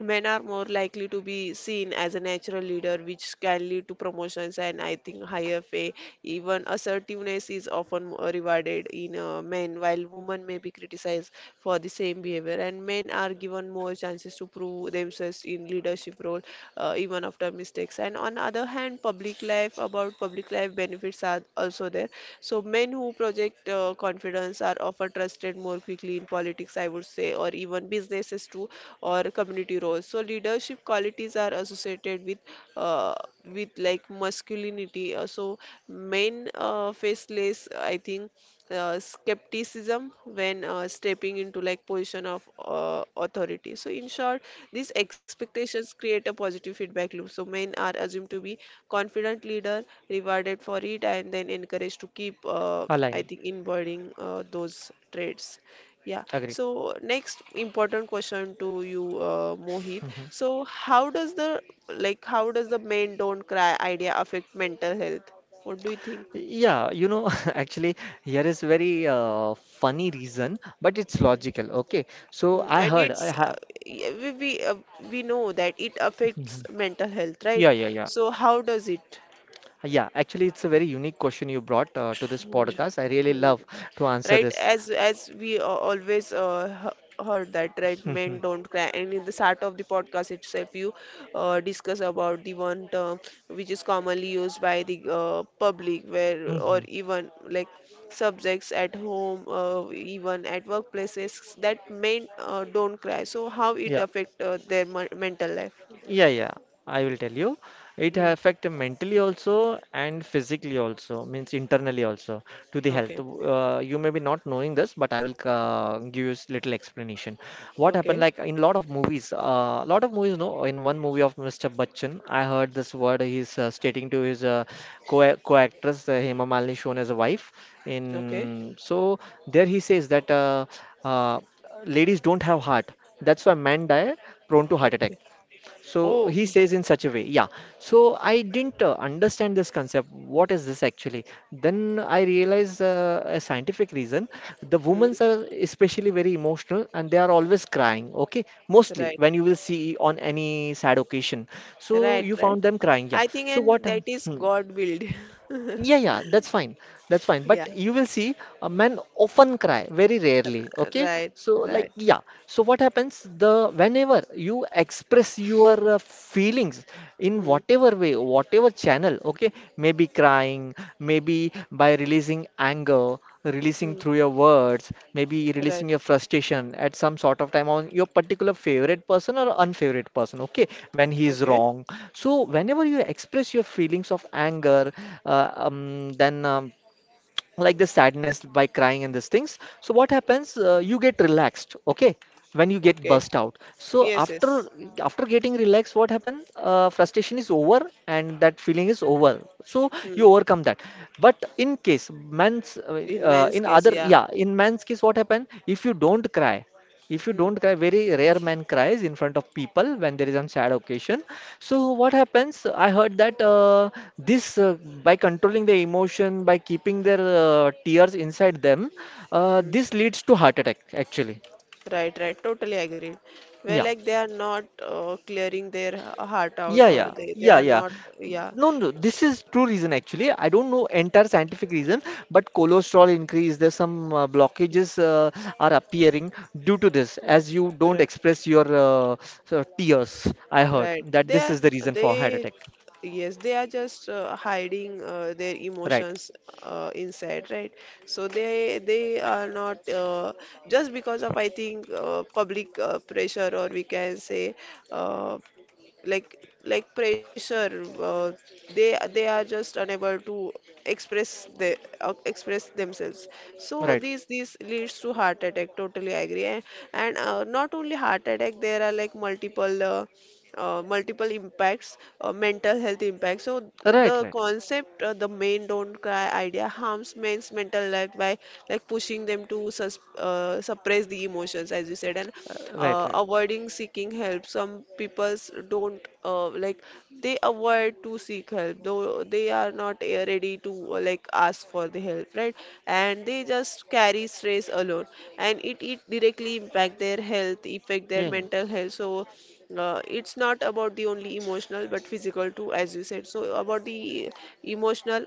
Speaker 1: men are more likely to be seen as a natural leader, which can lead to promotions and I think higher pay. Even assertiveness is often more rewarded in men, while women may be criticized for the same behavior. And men are given more chances to prove themselves in leadership role, even after mistakes. And on other hand, public life, about public life benefits are also there. So men who project confidence are often trusted more quickly in politics, I would say, or even one business is two or community roles, so leadership qualities are associated with like masculinity. So men face less, I think, skepticism when stepping into like position of authority. So in short, these expectations create a positive feedback loop, so men are assumed to be confident leader, rewarded for it, and then encouraged to keep I
Speaker 2: Align.
Speaker 1: think embodying those traits. Yeah.
Speaker 2: Agree.
Speaker 1: So next important question to you, Mohit.
Speaker 2: Hmm.
Speaker 1: So how does the like how does the men don't cry idea affect mental health? What do you think?
Speaker 2: Yeah, you know, actually, here is very funny reason, but it's logical. Okay, so
Speaker 1: Mm,
Speaker 2: I
Speaker 1: and
Speaker 2: heard I
Speaker 1: it's
Speaker 2: have.
Speaker 1: y- we we, uh, we know that it affects
Speaker 2: Mhm.
Speaker 1: mental health, right?
Speaker 2: Yeah, yeah, yeah.
Speaker 1: So how does it?
Speaker 2: Yeah, actually, it's a very unique question you brought to this
Speaker 1: Mm,
Speaker 2: podcast. I really
Speaker 1: mm.
Speaker 2: love to answer
Speaker 1: Right,
Speaker 2: this.
Speaker 1: as we always heard that, right, men don't cry, and in the start of the podcast itself you discuss about the one term which is commonly used by the public where or even like subjects at home even at workplaces that men don't cry, so how it
Speaker 2: Yeah.
Speaker 1: affect their mental life.
Speaker 2: Yeah, yeah, I will tell you. It
Speaker 1: Mhm.
Speaker 2: affect mentally also and physically also, means internally also to the health.
Speaker 1: Okay,
Speaker 2: You may be not knowing this, but I will give you little explanation. What happened
Speaker 1: okay,
Speaker 2: like in lot of movies, no, in one movie of Mr. Bachchan, I heard this word. He's stating to his co co-actress, Hema Malini, shown as a wife.
Speaker 1: okay,
Speaker 2: In so there he says that uh, ladies don't have heart. That's why men die prone to heart attack.
Speaker 1: okay. Oh.
Speaker 2: So he says in such a way, yeah. So I didn't understand this concept. What is this actually? Then I realized a scientific reason. The
Speaker 1: Hmm.
Speaker 2: women are especially very emotional and they are always crying, okay? Mostly
Speaker 1: Right.
Speaker 2: when you will see on any sad occasion. So
Speaker 1: Right,
Speaker 2: you found
Speaker 1: right.
Speaker 2: them crying, yeah.
Speaker 1: I think,
Speaker 2: So what?
Speaker 1: and that is God willed.
Speaker 2: Yeah, yeah, that's fine. That's fine.
Speaker 1: Yeah.
Speaker 2: But you will see a man often cry, very rarely. Okay.
Speaker 1: Right,
Speaker 2: So, like,
Speaker 1: right.
Speaker 2: yeah. So, what happens? The whenever you express your feelings in
Speaker 1: Hmm.
Speaker 2: whatever way, whatever channel, okay, maybe crying, maybe by releasing anger,
Speaker 1: Hmm.
Speaker 2: releasing through your words, maybe releasing
Speaker 1: Right.
Speaker 2: your frustration at some sort of time on your particular favorite person or unfavorite person, okay, when he is
Speaker 1: Okay.
Speaker 2: wrong. So whenever you express your feelings of anger, then like the sadness by crying and these things. So what happens? You get relaxed, okay? When you get
Speaker 1: Okay.
Speaker 2: burst out. So
Speaker 1: Yes, yes.
Speaker 2: after getting relaxed, what happens? Frustration is over and that feeling is over. So you
Speaker 1: Hmm.
Speaker 2: overcome that. But in case man's
Speaker 1: In men's
Speaker 2: in
Speaker 1: case,
Speaker 2: other
Speaker 1: yeah.
Speaker 2: yeah, in man's case, what happens? If you don't cry if you
Speaker 1: Hmm.
Speaker 2: don't cry, very rare man cries in front of people when there is some sad occasion. So what happens? I heard that this by controlling the emotion, by keeping their tears inside them,
Speaker 1: Hmm.
Speaker 2: this leads to heart attack actually.
Speaker 1: Right, right. Totally agreed. Where
Speaker 2: Yeah.
Speaker 1: like they are not clearing their heart out,
Speaker 2: Yeah,
Speaker 1: or
Speaker 2: yeah,
Speaker 1: they
Speaker 2: yeah,
Speaker 1: are
Speaker 2: yeah.
Speaker 1: not. Yeah.
Speaker 2: No, no, this is true reason actually. I don't know entire scientific reason, but cholesterol increase, there's some blockages are appearing due to this, as you don't
Speaker 1: Right.
Speaker 2: express your so tears. I heard
Speaker 1: Right.
Speaker 2: that
Speaker 1: They
Speaker 2: this
Speaker 1: are
Speaker 2: is the reason for heart
Speaker 1: they
Speaker 2: attack.
Speaker 1: yes, they are just hiding their
Speaker 2: Right,
Speaker 1: emotions inside, right? So they are not just because of I think public pressure or we can say uh, like pressure uh, they are just unable to express the express themselves, so
Speaker 2: right,
Speaker 1: this leads to heart attack, totally agree, and not only heart attack there are like multiple multiple impacts mental health impacts, so
Speaker 2: right,
Speaker 1: the
Speaker 2: right,
Speaker 1: concept the men don't cry idea harms men's mental health by like pushing them to suppress the emotions as you said and
Speaker 2: right, right.
Speaker 1: avoiding seeking help. Some people don't like they avoid to seek help, though they are not ready to like ask for the help, right? And they just carry stress alone, and it directly impact their health, affect their
Speaker 2: Yeah, yeah.
Speaker 1: mental health. So it's not about the only emotional but physical too, as you said. So about the emotional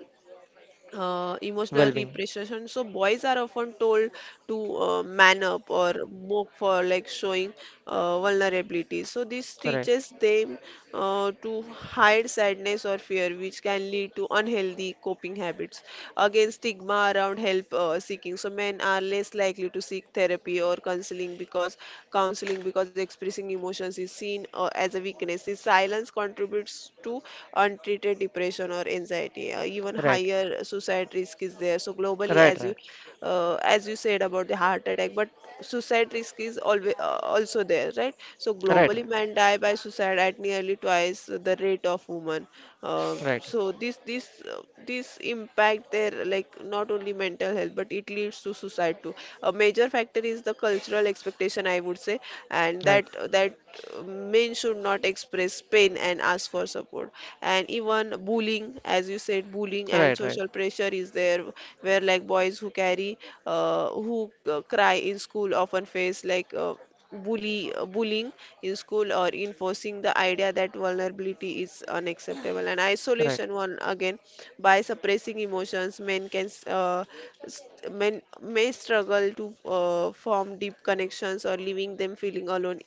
Speaker 1: emotional
Speaker 2: Well-being.
Speaker 1: repression. So boys are often told to man up or mock for like showing vulnerability. So this
Speaker 2: Right,
Speaker 1: teaches them to hide sadness or fear, which can lead to unhealthy coping habits. Again, stigma around help seeking. So men are less likely to seek therapy or counseling because expressing emotions is seen as a weakness. This silence contributes to untreated depression or anxiety, even
Speaker 2: right,
Speaker 1: higher suicide risk is there. So globally,
Speaker 2: right, right,
Speaker 1: as you said about the heart attack, but suicide risk is always also there, right? So
Speaker 2: right, right,
Speaker 1: globally, men die by suicide at nearly twice the rate of women.
Speaker 2: right,
Speaker 1: So this impact their like not only mental health, but it leads to suicide too. A major factor is the cultural expectation, I would say, and
Speaker 2: right,
Speaker 1: that uh, men should not express pain and ask for support, and even bullying, as you said, bullying
Speaker 2: right,
Speaker 1: and
Speaker 2: right, right,
Speaker 1: social pressure is there, where like boys who uh, who cry in school often face like bullying in school, or enforcing the idea that vulnerability is unacceptable and
Speaker 2: right,
Speaker 1: isolation one again. By suppressing emotions, uh, s- men may struggle to form deep connections or leaving them feeling alone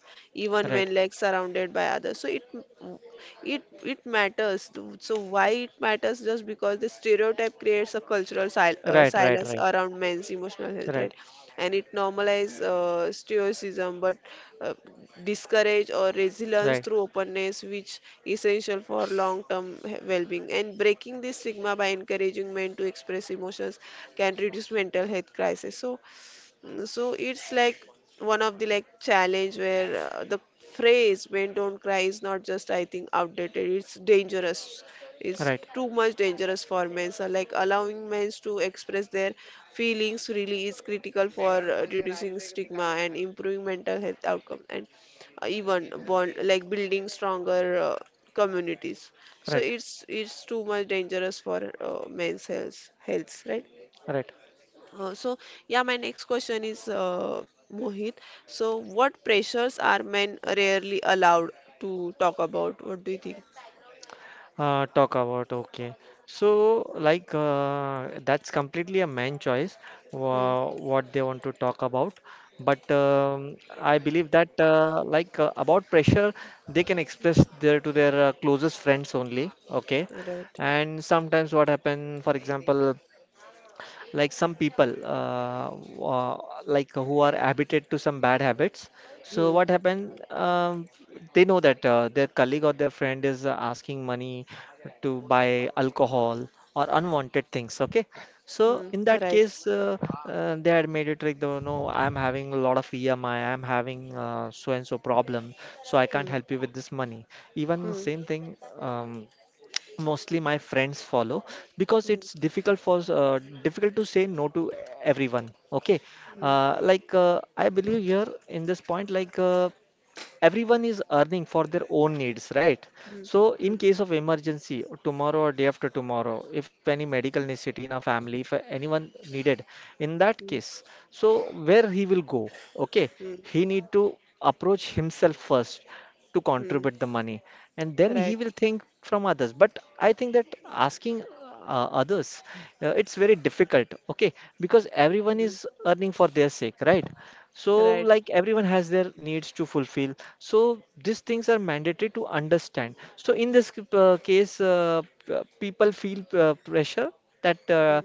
Speaker 2: right,
Speaker 1: even
Speaker 2: right,
Speaker 1: when like surrounded by others. So it it matters. So why it matters, just because the stereotype creates a cultural
Speaker 2: right, right,
Speaker 1: silence
Speaker 2: right,
Speaker 1: around men's emotional health,
Speaker 2: right,
Speaker 1: right? And it normalizes stoicism, but uh, discourage or resilience
Speaker 2: right.
Speaker 1: through openness, which essential for long term well-being. And breaking this stigma by encouraging men to express emotions can reduce mental health crisis, so it's like one of the like challenge where the phrase "men don't cry" is not just, I think, outdated. It's dangerous. It's
Speaker 2: Right,
Speaker 1: too much dangerous for men. So like allowing men to express their feelings freely is critical for reducing stigma and improving mental health outcome, and even bond like building stronger communities. So
Speaker 2: right.
Speaker 1: it's too much dangerous for men's health, right?
Speaker 2: Right.
Speaker 1: So, yeah, my next question is Mohit. So, what pressures are men rarely allowed to talk about? What do you think?
Speaker 2: Talk about okay. So like that's completely a man choice
Speaker 1: Hmm.
Speaker 2: what they want to talk about. But I believe that like about pressure, they can express their to their closest friends only. Okay.
Speaker 1: Right.
Speaker 2: And sometimes what happen, for example, like some people uh, like who are habituated to some bad habits, so
Speaker 1: Hmm.
Speaker 2: what happened, they know that their colleague or their friend is asking money to buy alcohol or unwanted things, okay? So
Speaker 1: Hmm.
Speaker 2: in that
Speaker 1: Right.
Speaker 2: case, they had made it like, though, no, I'm having a lot of EMI, I'm having so and so problem, so I
Speaker 1: Hmm.
Speaker 2: can't help you with this money. Even the
Speaker 1: Hmm.
Speaker 2: same thing, mostly my friends follow, because
Speaker 1: Hmm.
Speaker 2: it's difficult for difficult to say no to everyone, okay.
Speaker 1: Hmm.
Speaker 2: I believe here in this point, everyone is earning for their own needs, right?
Speaker 1: Hmm.
Speaker 2: So
Speaker 1: Hmm.
Speaker 2: in case of emergency, tomorrow or day after tomorrow, if any medical necessity in a family, if anyone needed, in that
Speaker 1: Hmm.
Speaker 2: case, so where he will go, okay?
Speaker 1: Hmm.
Speaker 2: He need to approach himself first to
Speaker 1: Hmm.
Speaker 2: contribute the money, and then
Speaker 1: Right.
Speaker 2: he will think from others. But I think that asking others, it's very difficult, okay? Because everyone
Speaker 1: Hmm.
Speaker 2: is earning for their sake, right? So,
Speaker 1: Right.
Speaker 2: like everyone has their needs to fulfill. So, these things are mandatory to understand. So, in this case, people feel pressure that
Speaker 1: Hmm.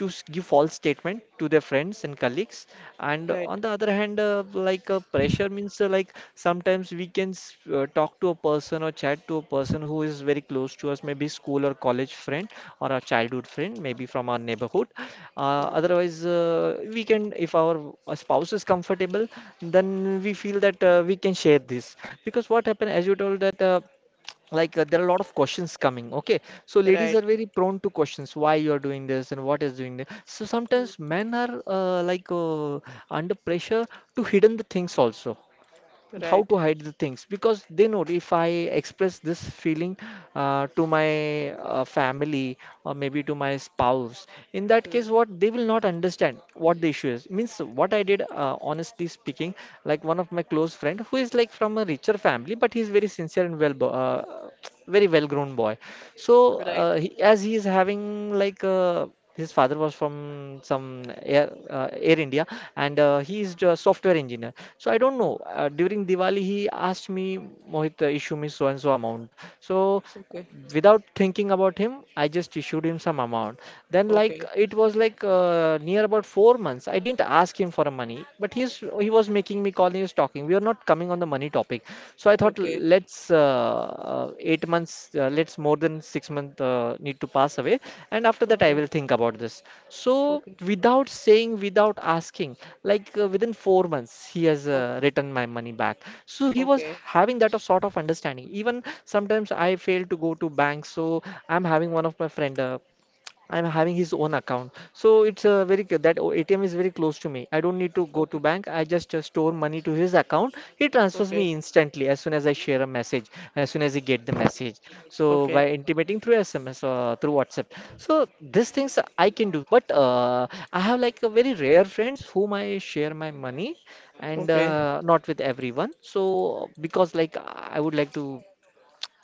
Speaker 2: to give false statement to their friends and colleagues. And
Speaker 1: Right.
Speaker 2: on the other hand, like pressure means like sometimes we can talk to a person or chat to a person who is very close to us, maybe school or college friend, or our childhood friend, maybe from our neighborhood.
Speaker 1: Hmm.
Speaker 2: Otherwise, we can, if our spouse is comfortable, then we feel that we can share this. Because what happened, as you told, that like there are a lot of questions coming, okay? So ladies
Speaker 1: Right.
Speaker 2: are very prone to questions, why you are doing this and what is doing this. So
Speaker 1: Hmm.
Speaker 2: sometimes men are like under pressure to hidden the things also, and how
Speaker 1: Right.
Speaker 2: to hide the things, because they know if I express this feeling to my family or maybe to my spouse, in that
Speaker 1: Hmm.
Speaker 2: case, what they will not understand what the issue is. Means what I did, honestly speaking, like one of my close friend, who is like from a richer family, but he's very sincere and very well grown boy. So
Speaker 1: Right.
Speaker 2: as he is having like a his father was from some Air India, and he is a software engineer. So I don't
Speaker 1: Oh.
Speaker 2: know. During Diwali, he asked me, Mohit, issue me so and so amount. So uh,
Speaker 1: Okay.
Speaker 2: without thinking about him, I just issued him some amount. Then like
Speaker 1: Okay.
Speaker 2: it was like near about 4 months. I didn't ask him for money, but he was making me call. He was talking. We are not coming on the money topic. So I thought
Speaker 1: Okay.
Speaker 2: let's more than 6 month need to pass away, and after that I
Speaker 1: Okay.
Speaker 2: will think about this. So
Speaker 1: Okay.
Speaker 2: without saying, without asking, within 4 months he has
Speaker 1: Okay.
Speaker 2: returned my money back. So he was
Speaker 1: Okay.
Speaker 2: having that of sort of understanding. Even sometimes I fail to go to bank, so I'm having one of my friend. I'm having his own account. So it's a very c- that o- ATM is very close to me. I don't need to go to
Speaker 1: Okay.
Speaker 2: bank. I just store money to his account. He transfers me
Speaker 1: Okay.
Speaker 2: instantly as soon as I share a message, as soon as he get the message. So
Speaker 1: Okay,
Speaker 2: by intimating through SMS or through WhatsApp. So these things I can do. But I have like a very rare friends whom I share my money and
Speaker 1: okay.
Speaker 2: not with everyone. So because like I would like to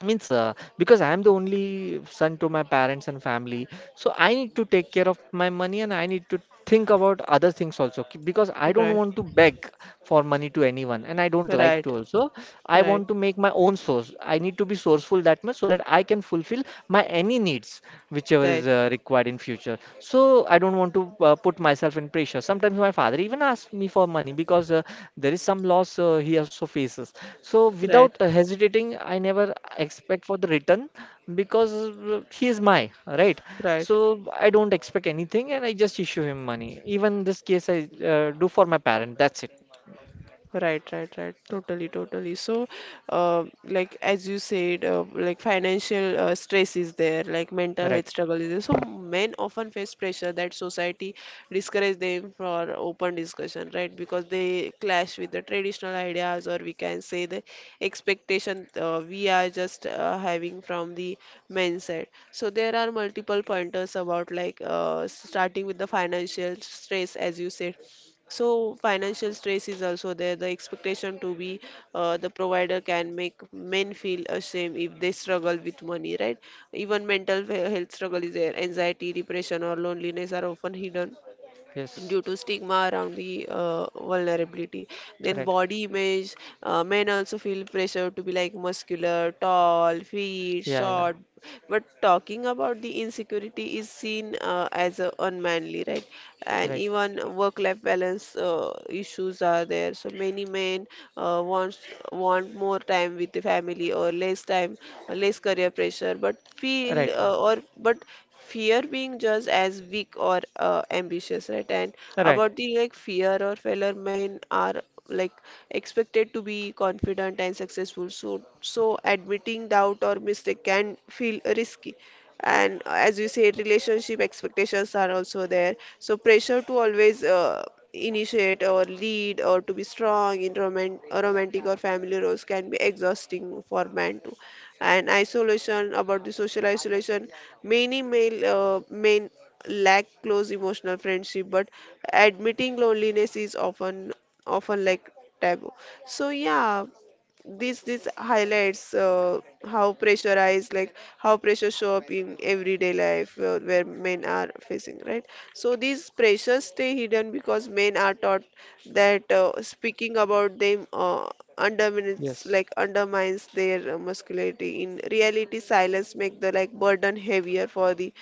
Speaker 2: means because I am the only son to my parents and family, so I need to take care of my money and I need to think about other things also. Because I don't
Speaker 1: Right,
Speaker 2: want to beg for money to anyone and I don't like
Speaker 1: right,
Speaker 2: to also. I
Speaker 1: right,
Speaker 2: want to make my own source. I need to be sourceful that much so that I can fulfill my any needs whichever is
Speaker 1: right,
Speaker 2: required in future. So I don't want to put myself in pressure. Sometimes my father even asks me for money because there is some loss he also faces. So without
Speaker 1: right,
Speaker 2: hesitating, I never expect for the return because he is my, right?
Speaker 1: right.
Speaker 2: So I don't expect anything and I just issue him money. Even this case I do for my parent. That's it.
Speaker 1: Right, right, right. Totally, totally. So, like as you said, like financial stress is there, like mental
Speaker 2: Right.
Speaker 1: health struggle is there. So men often face pressure that society discourage them for open discussion, right? Because they clash with the traditional ideas, or we can say the expectation we are just having from the men's side. So there are multiple pointers about like starting with the financial stress, as you said, so financial stress is also there. The expectation to be the provider can make men feel ashamed if they struggle with money, right? Even mental health struggle is there. Anxiety, depression, or loneliness are often hidden
Speaker 2: Yes.
Speaker 1: due to stigma around the vulnerability. Then
Speaker 2: Right.
Speaker 1: body image, men also feel pressure to be like muscular, tall, fit,
Speaker 2: Yeah, yeah.
Speaker 1: short. But talking about the insecurity is seen as unmanly, right? And
Speaker 2: Right.
Speaker 1: even work-life balance issues are there. So many men want more time with the family or less time, less career pressure, but feel
Speaker 2: Right. Right.
Speaker 1: or but fear being judged as weak or ambitious, right? And
Speaker 2: Right.
Speaker 1: about the like fear or failure, men are like expected to be confident and successful, so admitting doubt or mistake can feel risky. And as you said, relationship expectations are also there, so pressure to always initiate or lead or to be strong in romantic or family roles can be exhausting for men too. And isolation, about the social isolation, many male men lack close emotional friendship, but admitting loneliness is often taboo. So yeah, this highlights how pressurized, like how pressure show up in everyday life where men are facing, right? So these pressures stay hidden because men are taught that speaking about them undermines
Speaker 2: Yes.
Speaker 1: like undermines their masculinity. In reality, silence make the like burden heavier for the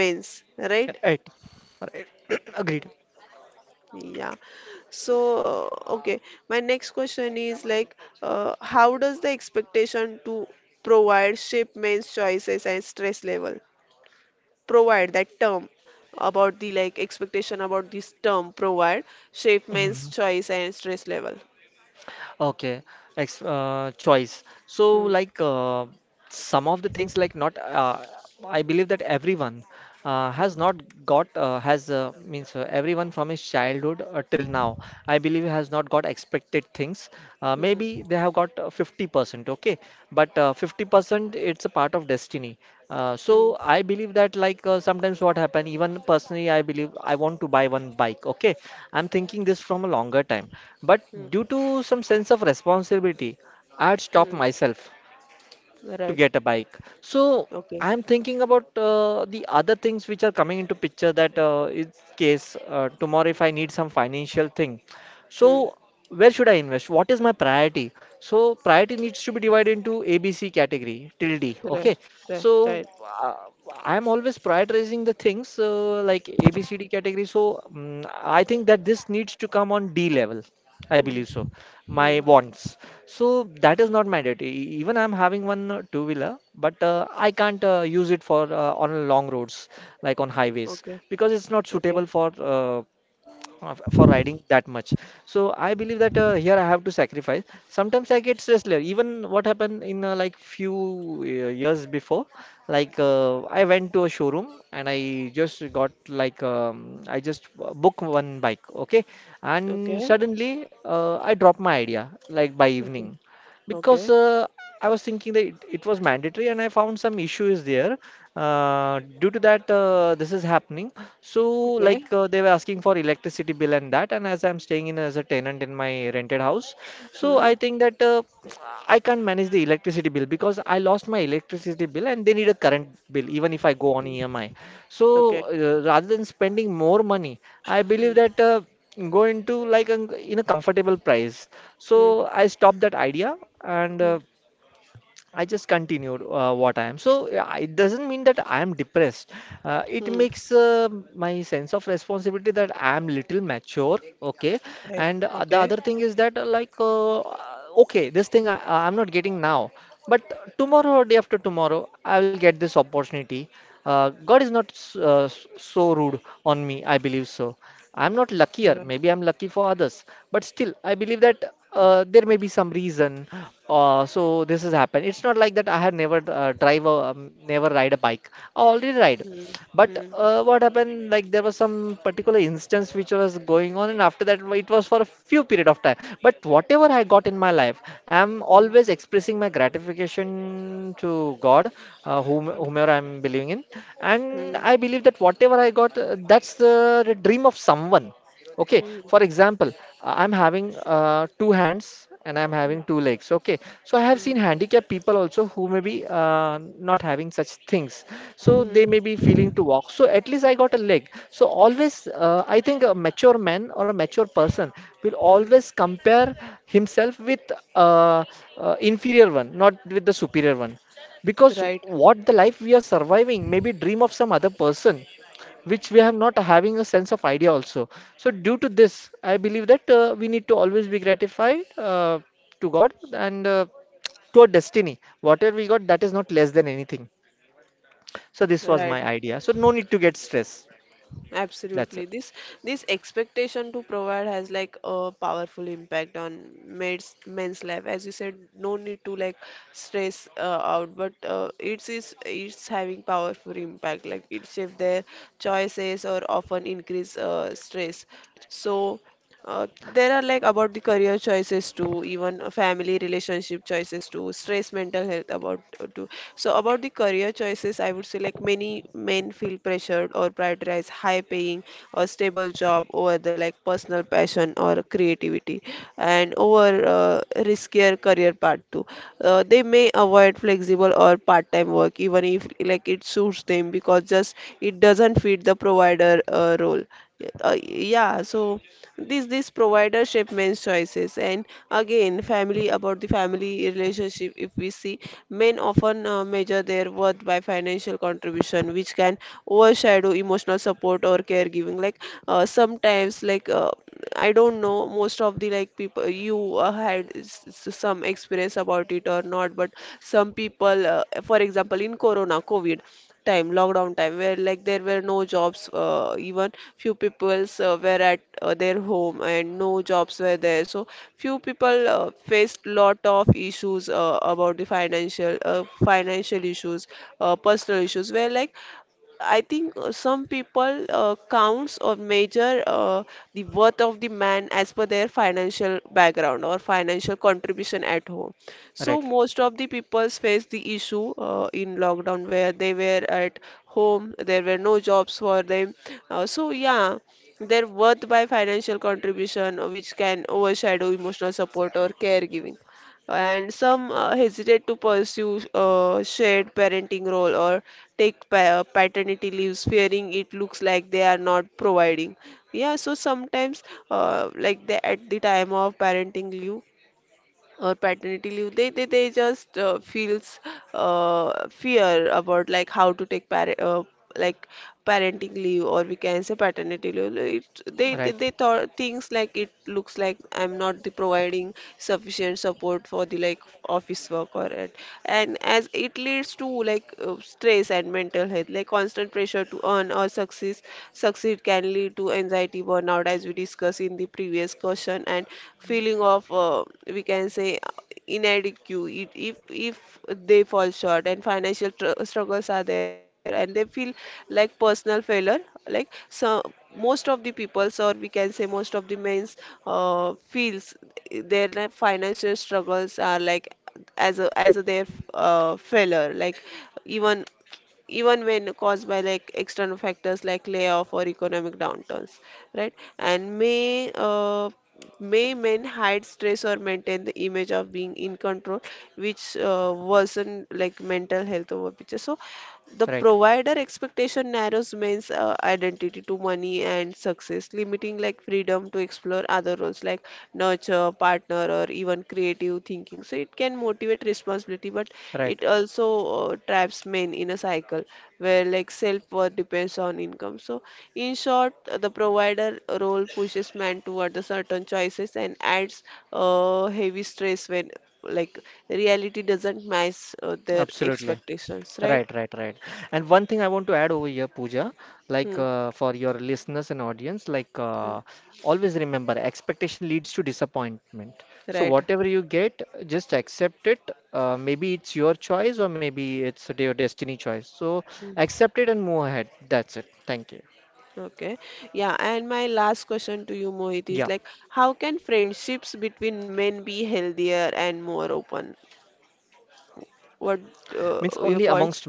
Speaker 1: men's, right?
Speaker 2: Right. Right. Agreed.
Speaker 1: Yeah. So, okay. My next question is like, how does the expectation to provide shape men's choices and stress level? Provide, that term, about the like expectation about this term provide, shape men's choice and stress level.
Speaker 2: Okay, ex choice. So,
Speaker 1: Hmm.
Speaker 2: some of the things, like not, I believe that everyone
Speaker 1: Hmm.
Speaker 2: has not got has means everyone from his childhood till now, I believe has not got expected things.
Speaker 1: Hmm.
Speaker 2: Maybe they have got 50%, okay? But 50% it's a part of destiny.
Speaker 1: Hmm.
Speaker 2: So I believe that sometimes what happen, even personally, I believe I want to buy one bike, okay? I'm thinking this from a longer time. But
Speaker 1: Hmm.
Speaker 2: due to some sense of responsibility, I had
Speaker 1: Hmm.
Speaker 2: stopped myself
Speaker 1: Right.
Speaker 2: to get a bike. So
Speaker 1: Okay.
Speaker 2: I'm thinking about the other things which are coming into picture, that in case tomorrow if I need some financial thing.
Speaker 1: Hmm.
Speaker 2: So where should I invest? What is my priority? So priority needs to be divided into A, B, C category till D. Okay.
Speaker 1: Right. Right.
Speaker 2: So
Speaker 1: Right.
Speaker 2: uh, I'm always prioritizing the things like A, B, C, D category. So I think that this needs to come on D level. I
Speaker 1: Hmm.
Speaker 2: believe so. My
Speaker 1: Hmm.
Speaker 2: wants. So that is not mandatory. Even I'm having one two-wheeler, but I can't use it for on long roads like on highways
Speaker 1: Okay.
Speaker 2: because it's not
Speaker 1: Okay.
Speaker 2: suitable for for riding that much. So I believe that here I have to sacrifice. Sometimes I get stressed later. Even what happened in few years before, I went to a showroom and I just got like I just booked one bike, okay, and
Speaker 1: Okay.
Speaker 2: suddenly I dropped my idea like by
Speaker 1: Okay.
Speaker 2: evening because
Speaker 1: Okay.
Speaker 2: I was thinking that it was mandatory and I found some issues there. Due to that, this is happening. So,
Speaker 1: Okay.
Speaker 2: they were asking for electricity bill and that, and as I'm staying in as a tenant in my rented house, so
Speaker 1: Hmm.
Speaker 2: I think that I can't manage the electricity bill because I lost my electricity bill and they need a current bill, even if I go on
Speaker 1: Hmm.
Speaker 2: EMI. So,
Speaker 1: Okay.
Speaker 2: rather than spending more money, I believe
Speaker 1: Mm.
Speaker 2: that go into in a comfortable price.
Speaker 1: Mm.
Speaker 2: So, I stopped that idea and
Speaker 1: Mm.
Speaker 2: I just continued what I am. So yeah, it doesn't mean that I am depressed. It
Speaker 1: Mm.
Speaker 2: makes my sense of responsibility that I am little mature. Okay,
Speaker 1: Hey.
Speaker 2: and the
Speaker 1: Okay.
Speaker 2: other thing is that okay, this thing I'm not getting now, but tomorrow or day after tomorrow I will get this opportunity. God is not so rude on me. I believe so. I'm not
Speaker 1: You're
Speaker 2: luckier.
Speaker 1: right.
Speaker 2: Maybe I'm lucky for others, but still, I believe that there may be some reason. So this has happened. It's not like that I had never never ride a bike. I already ride.
Speaker 1: Mm.
Speaker 2: But
Speaker 1: Mm.
Speaker 2: what happened? Like there was some particular instance which was going on, and after that it was for a few period of time. But whatever I got in my life, I am
Speaker 1: Mm.
Speaker 2: always expressing my gratification to God, whomever I'm believing in, and
Speaker 1: Mm.
Speaker 2: I believe that whatever I got, that's the dream of someone. Okay,
Speaker 1: Mm.
Speaker 2: for example, I'm having two hands and I'm having two legs. Okay, so I have
Speaker 1: Mm.
Speaker 2: seen handicapped people also who may be not having such things.
Speaker 1: Mm.
Speaker 2: So
Speaker 1: Mm.
Speaker 2: they may be feeling to walk. So at least I got a leg. So always, I think a mature man or a mature person will
Speaker 1: Mm.
Speaker 2: always compare himself with uh, inferior one, not with the superior one. Because
Speaker 1: Right,
Speaker 2: what the life we are surviving may be dream of some other person which we have not having a sense of idea also. So due to this, I believe that we need to always be gratified to God and to our destiny. Whatever we got, that is not less than anything. So this was
Speaker 1: right.
Speaker 2: my idea. So no need to get stress. That's it.
Speaker 1: Absolutely. This expectation to provide has like a powerful impact on men's life. As you said, no need to like stress out, but it's having powerful impact. Like it shapes their choices or often increase stress. So Uh, there are like about the career choices too, even family relationship choices too, stress, mental health about too. So about the career choices, I would say, like many men feel pressured or prioritize high paying or stable job over the like personal passion or creativity, and over riskier career path too. They may avoid flexible or part-time work even if like it suits them because just it doesn't fit the provider role yeah. So this provider shape men's choices. And again family, about the family relationship, if we see men often measure their worth by financial contribution, which can overshadow emotional support or caregiving, like sometimes like I don't know, most of the like people, you had some experience about it or not, but some people, for example, in corona covid time, lockdown time, where like there were no jobs, even few peoples were at their home and no jobs were there. So few people faced lot of issues about the financial issues, personal issues, where like I think some people counts or measure the worth of the man as per their financial background or financial contribution at home. So
Speaker 2: Right,
Speaker 1: most of the people face the issue in lockdown where they were at home, there were no jobs for them. So yeah, their worth by financial contribution which can overshadow emotional support or caregiving, and some hesitate to pursue shared parenting role or take paternity leaves, fearing it looks like they are not providing. Yeah, so sometimes like at the time of parenting leave or paternity leave, they just feels fear about like how to take parent like parenting leave, or we can say paternity leave. Like, it, they, they
Speaker 2: right,
Speaker 1: they thought things like it looks like I'm not the providing sufficient support for the like office work or it. And as it leads to like stress and mental health, like constant pressure to earn or success succeed can lead to anxiety, burnout, as we discussed in the previous question, and feeling of we can say inadequate if they fall short, and financial struggles are there, and they feel like personal failure, like so most of the peoples, or we can say most of the men's, feels their like financial struggles are like as a their failure, like, even even when caused by like external factors like layoff or economic downturns, right? And may men hide stress or maintain the image of being in control, which worsen like mental health over picture. So the
Speaker 2: right,
Speaker 1: provider expectation narrows men's identity to money and success, limiting like freedom to explore other roles like nurture, partner, or even creative thinking. So it can motivate responsibility, but
Speaker 2: right.
Speaker 1: it also traps men in a cycle where like self-worth depends on income. So in short, the provider role pushes men toward the certain choices and adds heavy stress when like reality doesn't match their
Speaker 2: Absolutely.
Speaker 1: expectations, right?
Speaker 2: Right, right, right. And one thing I want to add over here, Pooja,
Speaker 1: Hmm.
Speaker 2: for your listeners and audience,
Speaker 1: Hmm.
Speaker 2: always remember, expectation leads to disappointment. So
Speaker 1: Right.
Speaker 2: whatever you get, just accept it. Maybe it's your choice, or maybe it's your destiny choice. So
Speaker 1: Hmm.
Speaker 2: accept it and move ahead. That's it. Thank you.
Speaker 1: Okay. Yeah, and my last question to you, Mohit, is
Speaker 2: Yeah,
Speaker 1: like, how can friendships between men be healthier and more open? What
Speaker 2: means only amongst
Speaker 1: your
Speaker 2: men,
Speaker 1: points?
Speaker 2: right?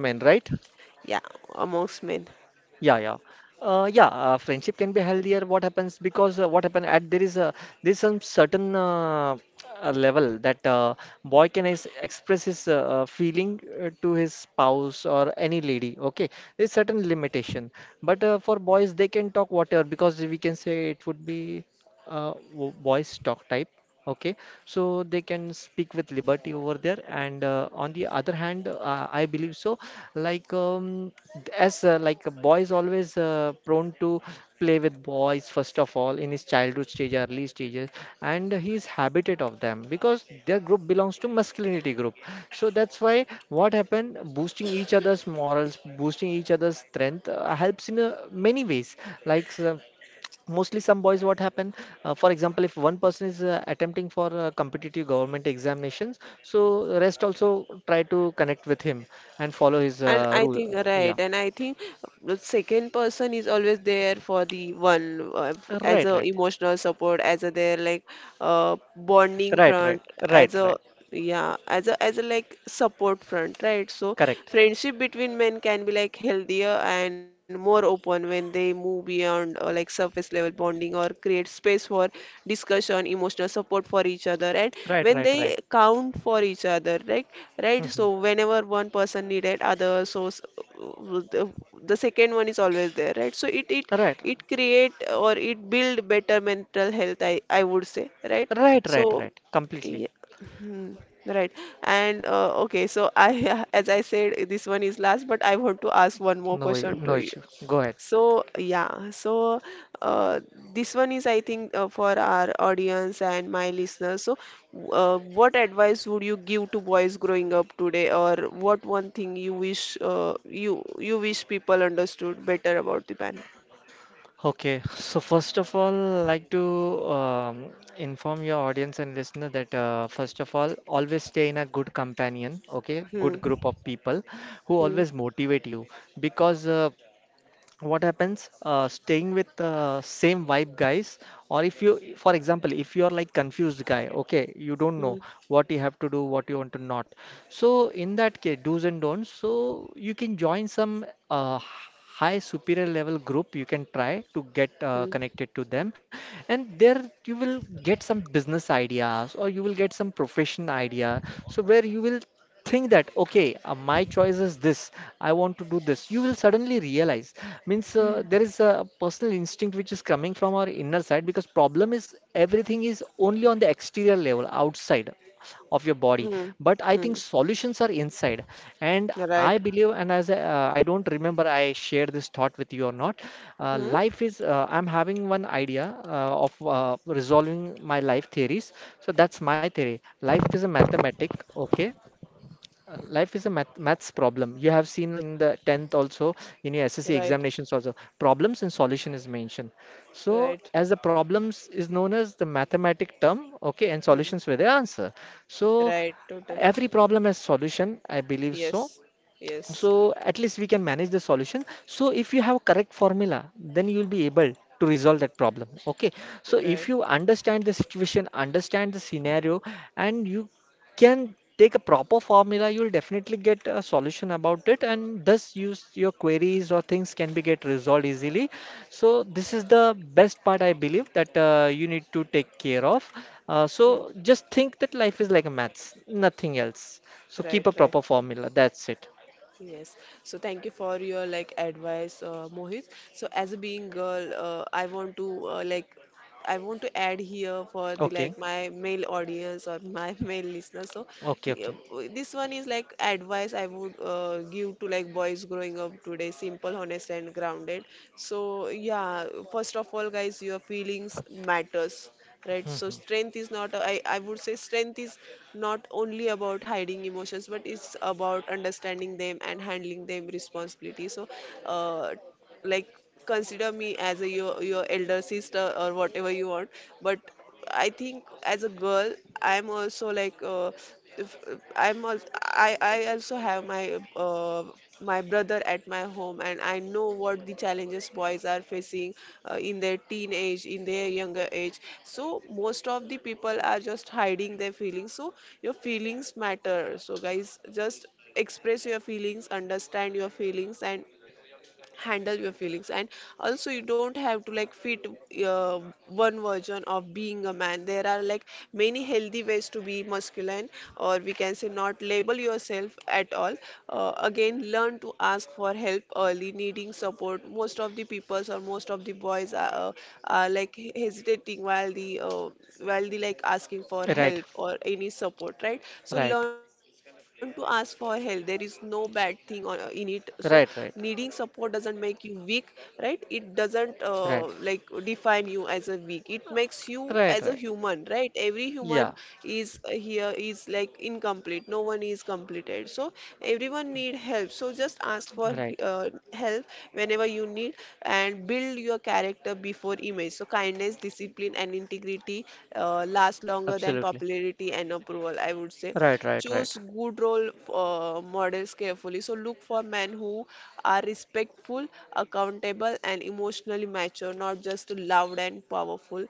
Speaker 1: Yeah, amongst men.
Speaker 2: Yeah, yeah. Yeah, friendship can be healthier. What happens because what happened at there is a there's some certain level that boy can ex express his feeling to his spouse or any lady. Okay, there's certain limitation, but for boys they can talk whatever because we can say it would be boys talk type. Okay, so they can speak with liberty over there, and on the other hand, I believe so. Like as like a boy always prone to play with boys first of all in his childhood stage, early stages, and he is habited of them because their group belongs to masculinity group. So that's why what happened, boosting each other's morals, boosting each other's strength helps in many ways. Like some mostly some boys what happen for example if one person is attempting for competitive government examinations, so rest also try to connect with him and follow his
Speaker 1: And I
Speaker 2: rule.
Speaker 1: think,
Speaker 2: Yeah.
Speaker 1: right, and I think the second person is always there for the one, as
Speaker 2: Right,
Speaker 1: a
Speaker 2: right,
Speaker 1: emotional support, as a their like bonding
Speaker 2: right. Right,
Speaker 1: front, as
Speaker 2: right,
Speaker 1: a,
Speaker 2: right.
Speaker 1: yeah, as a like support front, right? So
Speaker 2: Correct.
Speaker 1: friendship between men can be like healthier and more open when they move beyond like surface level bonding or create space for discussion, emotional support for each other, and
Speaker 2: Right,
Speaker 1: when
Speaker 2: right,
Speaker 1: they
Speaker 2: right.
Speaker 1: count for each other, right? Right. So
Speaker 2: Mhm.
Speaker 1: whenever one person needed other, so the, the second one is always there, right? So it it
Speaker 2: Right,
Speaker 1: it create or it build better mental health. I would say, right?
Speaker 2: right, right.
Speaker 1: So
Speaker 2: Right, completely.
Speaker 1: yeah. Hmm. Right. And okay, so I, as I said, this one is last, but I want to ask one more question to
Speaker 2: No
Speaker 1: you.
Speaker 2: issue, go ahead.
Speaker 1: So, yeah, so uh, this one is, I think, for our audience and my listeners. So, what advice would you give to boys growing up today, or what one thing you wish you you wish people understood better about the pan?
Speaker 2: Okay, so first of all, like to inform your audience and listener that first of all, always stay in a good companion, okay,
Speaker 1: Hmm.
Speaker 2: good group of people who
Speaker 1: Hmm.
Speaker 2: always motivate you because what happens staying with the same vibe guys. Or if you, for example, if you are like confused guy, okay, you don't
Speaker 1: Hmm.
Speaker 2: know what you have to do, what you want to not. So in that case, do's and don'ts, so you can join some high superior level group, you can try to get
Speaker 1: Hmm.
Speaker 2: connected to them, and there you will get some business ideas or you will get some profession idea. So where you will think that okay, my choice is this, I want to do this, you will suddenly realize means
Speaker 1: Hmm.
Speaker 2: there is a personal instinct which is coming from our inner side, because problem is everything is only on the exterior level outside of your body,
Speaker 1: Hmm.
Speaker 2: but I think
Speaker 1: Hmm.
Speaker 2: solutions are inside. And
Speaker 1: Right.
Speaker 2: I believe, and I don't remember I shared this thought with you or not,
Speaker 1: Hmm.
Speaker 2: life is I'm having one idea of resolving my life theories. So that's my theory. Life is a mathematic, okay, life is a maths problem. You have seen in the 10th also, in your SSC
Speaker 1: Right.
Speaker 2: examinations also, problems and solution is mentioned. So
Speaker 1: Right.
Speaker 2: as the problems is known as the mathematic term, okay, and
Speaker 1: Hmm.
Speaker 2: solutions were the answer. So
Speaker 1: Right. Totally.
Speaker 2: every problem has solution, I believe so.
Speaker 1: Yes. Yes.
Speaker 2: So at least we can manage the solution. So if you have correct formula, then you will be able to resolve that problem. Okay. So if
Speaker 1: Right.
Speaker 2: you understand the situation, understand the scenario, and you can take a proper formula, you will definitely get a solution about it, and thus use your queries or things can be get resolved easily. So this is the best part I believe that you need to take care of.
Speaker 1: Hmm.
Speaker 2: So just think that life is like a maths, nothing else. So keep
Speaker 1: Right.
Speaker 2: a
Speaker 1: Right.
Speaker 2: proper formula. That's it.
Speaker 1: Yes. So thank you for your like advice, Mohit. So as a being girl, I want to like I want to add here for the
Speaker 2: Okay,
Speaker 1: like my male audience or my male listeners. So
Speaker 2: okay,
Speaker 1: he-
Speaker 2: okay.
Speaker 1: uh, this one is like advice I would give to like boys growing up today, simple, honest, and grounded. So yeah, first of all, guys, your feelings matters, right? So
Speaker 2: Mhm.
Speaker 1: strength is not a-. I would say strength is not only about hiding emotions, but it's about understanding them and handling them responsibility. So uh, like consider me as your elder sister or whatever you want, but I think as a girl, I'm also if, I'm also, I also have my my brother at my home, and I know what the challenges boys are facing in their teenage, in their younger age. So most of the people are just hiding their feelings. So your feelings matter. So guys, just express your feelings, understand your feelings, and handle your feelings. And also you don't have to like fit uh, one version of being a man. There are like many healthy ways to be masculine, or we can say not label yourself at all. Again, learn to ask for help early. Needing support, most of the peoples or most of the boys are like hesitating while the like asking for
Speaker 2: Right,
Speaker 1: help or any support, right? So
Speaker 2: right,
Speaker 1: learn to ask for help. There is no bad thing on, in it. So
Speaker 2: right,
Speaker 1: needing support doesn't make you weak, right? It doesn't
Speaker 2: right,
Speaker 1: like
Speaker 2: right,
Speaker 1: define you as a weak, it makes you as
Speaker 2: right,
Speaker 1: a
Speaker 2: right.
Speaker 1: human, right? Every human
Speaker 2: Yeah,
Speaker 1: is here is like incomplete, no one is completed. So everyone need help, so just ask for
Speaker 2: right.
Speaker 1: help whenever you need. And build your character before image. So kindness, discipline, and integrity last longer than
Speaker 2: Absolutely.
Speaker 1: popularity and approval, I would say.
Speaker 2: Right, right, right,
Speaker 1: Choose good role models carefully. So look for men who are respectful, accountable, and emotionally mature, not just loud and powerful.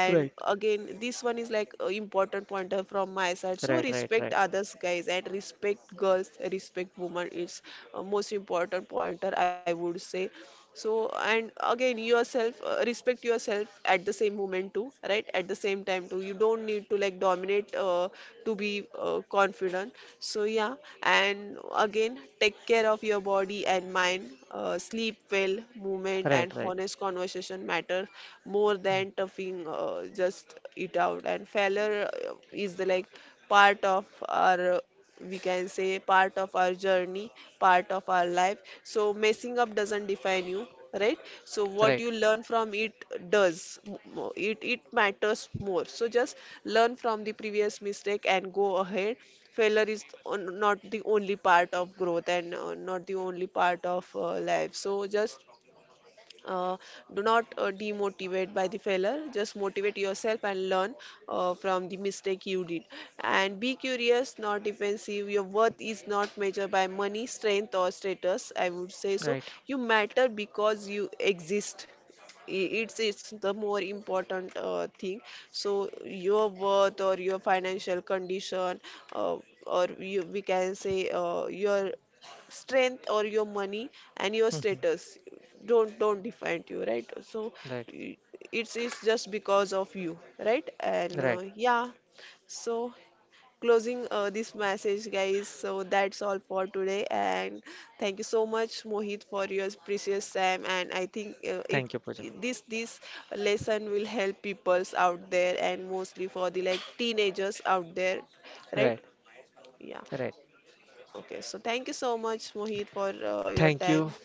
Speaker 2: right,
Speaker 1: again, this one is like a important pointer from my side. So
Speaker 2: right, right,
Speaker 1: respect
Speaker 2: right,
Speaker 1: others, guys, and respect girls, respect women. It's a most important pointer, I would say. So and again yourself, respect yourself at the same moment too, right? At the same time too, you don't need to like dominate to be confident. So yeah, and again, take care of your body and mind. Sleep well, movement
Speaker 2: right,
Speaker 1: and
Speaker 2: right.
Speaker 1: honest conversation matter more
Speaker 2: Mm.
Speaker 1: than toughing just it out. And failure is the like part of our, we can say part of our journey, part of our life. So messing up doesn't define you, right? So what
Speaker 2: Right,
Speaker 1: you learn from it does it it matters more. So just learn from the previous mistake and go ahead. Failure is on, not the only part of growth, and not the only part of life. So just uh, do not demotivate by the failure, just motivate yourself and learn from the mistake you did. And be curious, not defensive. Your worth is not measured by money, strength, or status, I would say. So
Speaker 2: right.
Speaker 1: you matter because you exist. It's the more important thing. So your worth or your financial condition, uh, or you, we can say your strength or your money and your
Speaker 2: Mhm.
Speaker 1: status, don't define you, right? So
Speaker 2: Right,
Speaker 1: y- it's just because of you, right? And
Speaker 2: right.
Speaker 1: yeah. So closing this message, guys, so that's all for today. And thank you so much, Mohit, for your precious time. And I think it
Speaker 2: Thank you, Pooja.
Speaker 1: this this lesson will help peoples out there, and mostly for the like teenagers out there, right?
Speaker 2: Right,
Speaker 1: Yeah.
Speaker 2: right.
Speaker 1: Okay, so thank you so much, Mohit, for your
Speaker 2: Thank
Speaker 1: time.
Speaker 2: you.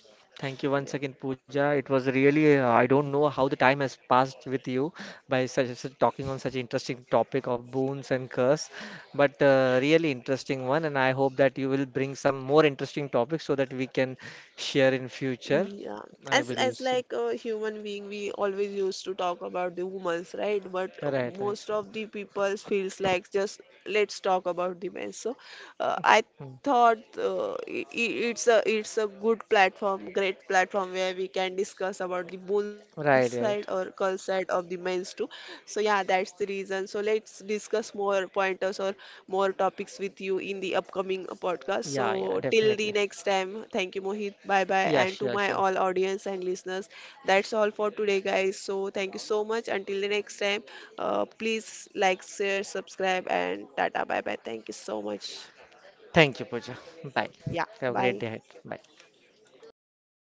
Speaker 2: Thank you
Speaker 1: Yeah.
Speaker 2: once again, Pooja. It was really, I don't know how the time has passed with you by such, such talking on such interesting topic of boons and curse, but really interesting one. And I hope that you will bring some more interesting topics so that we can share in future.
Speaker 1: Yeah,
Speaker 2: I believe
Speaker 1: as
Speaker 2: so.
Speaker 1: like a human being, we always used to talk about the women's, right? But
Speaker 2: Right, right.
Speaker 1: most of the people feels like just let's talk about the men. So I
Speaker 2: Mm.
Speaker 1: thought it's a good platform, great platform where we can discuss about the boon side
Speaker 2: Right,
Speaker 1: or
Speaker 2: right.
Speaker 1: curl side of the men's too. So yeah, that's the reason. So let's discuss more pointers or more topics with you in the upcoming podcast. So
Speaker 2: Yeah, yeah,
Speaker 1: till the
Speaker 2: definitely.
Speaker 1: next time, thank you, Mohit. Bye bye.
Speaker 2: Yeah,
Speaker 1: And to
Speaker 2: sure,
Speaker 1: my
Speaker 2: sure.
Speaker 1: all audience and listeners, that's all for today, guys. So thank you so much. Until the next time, please like, share, subscribe, and tata. Bye bye. Thank you so much.
Speaker 2: Thank you, Pooja. Bye.
Speaker 1: Yeah,
Speaker 2: Have a great
Speaker 1: bye.
Speaker 2: day ahead. Bye.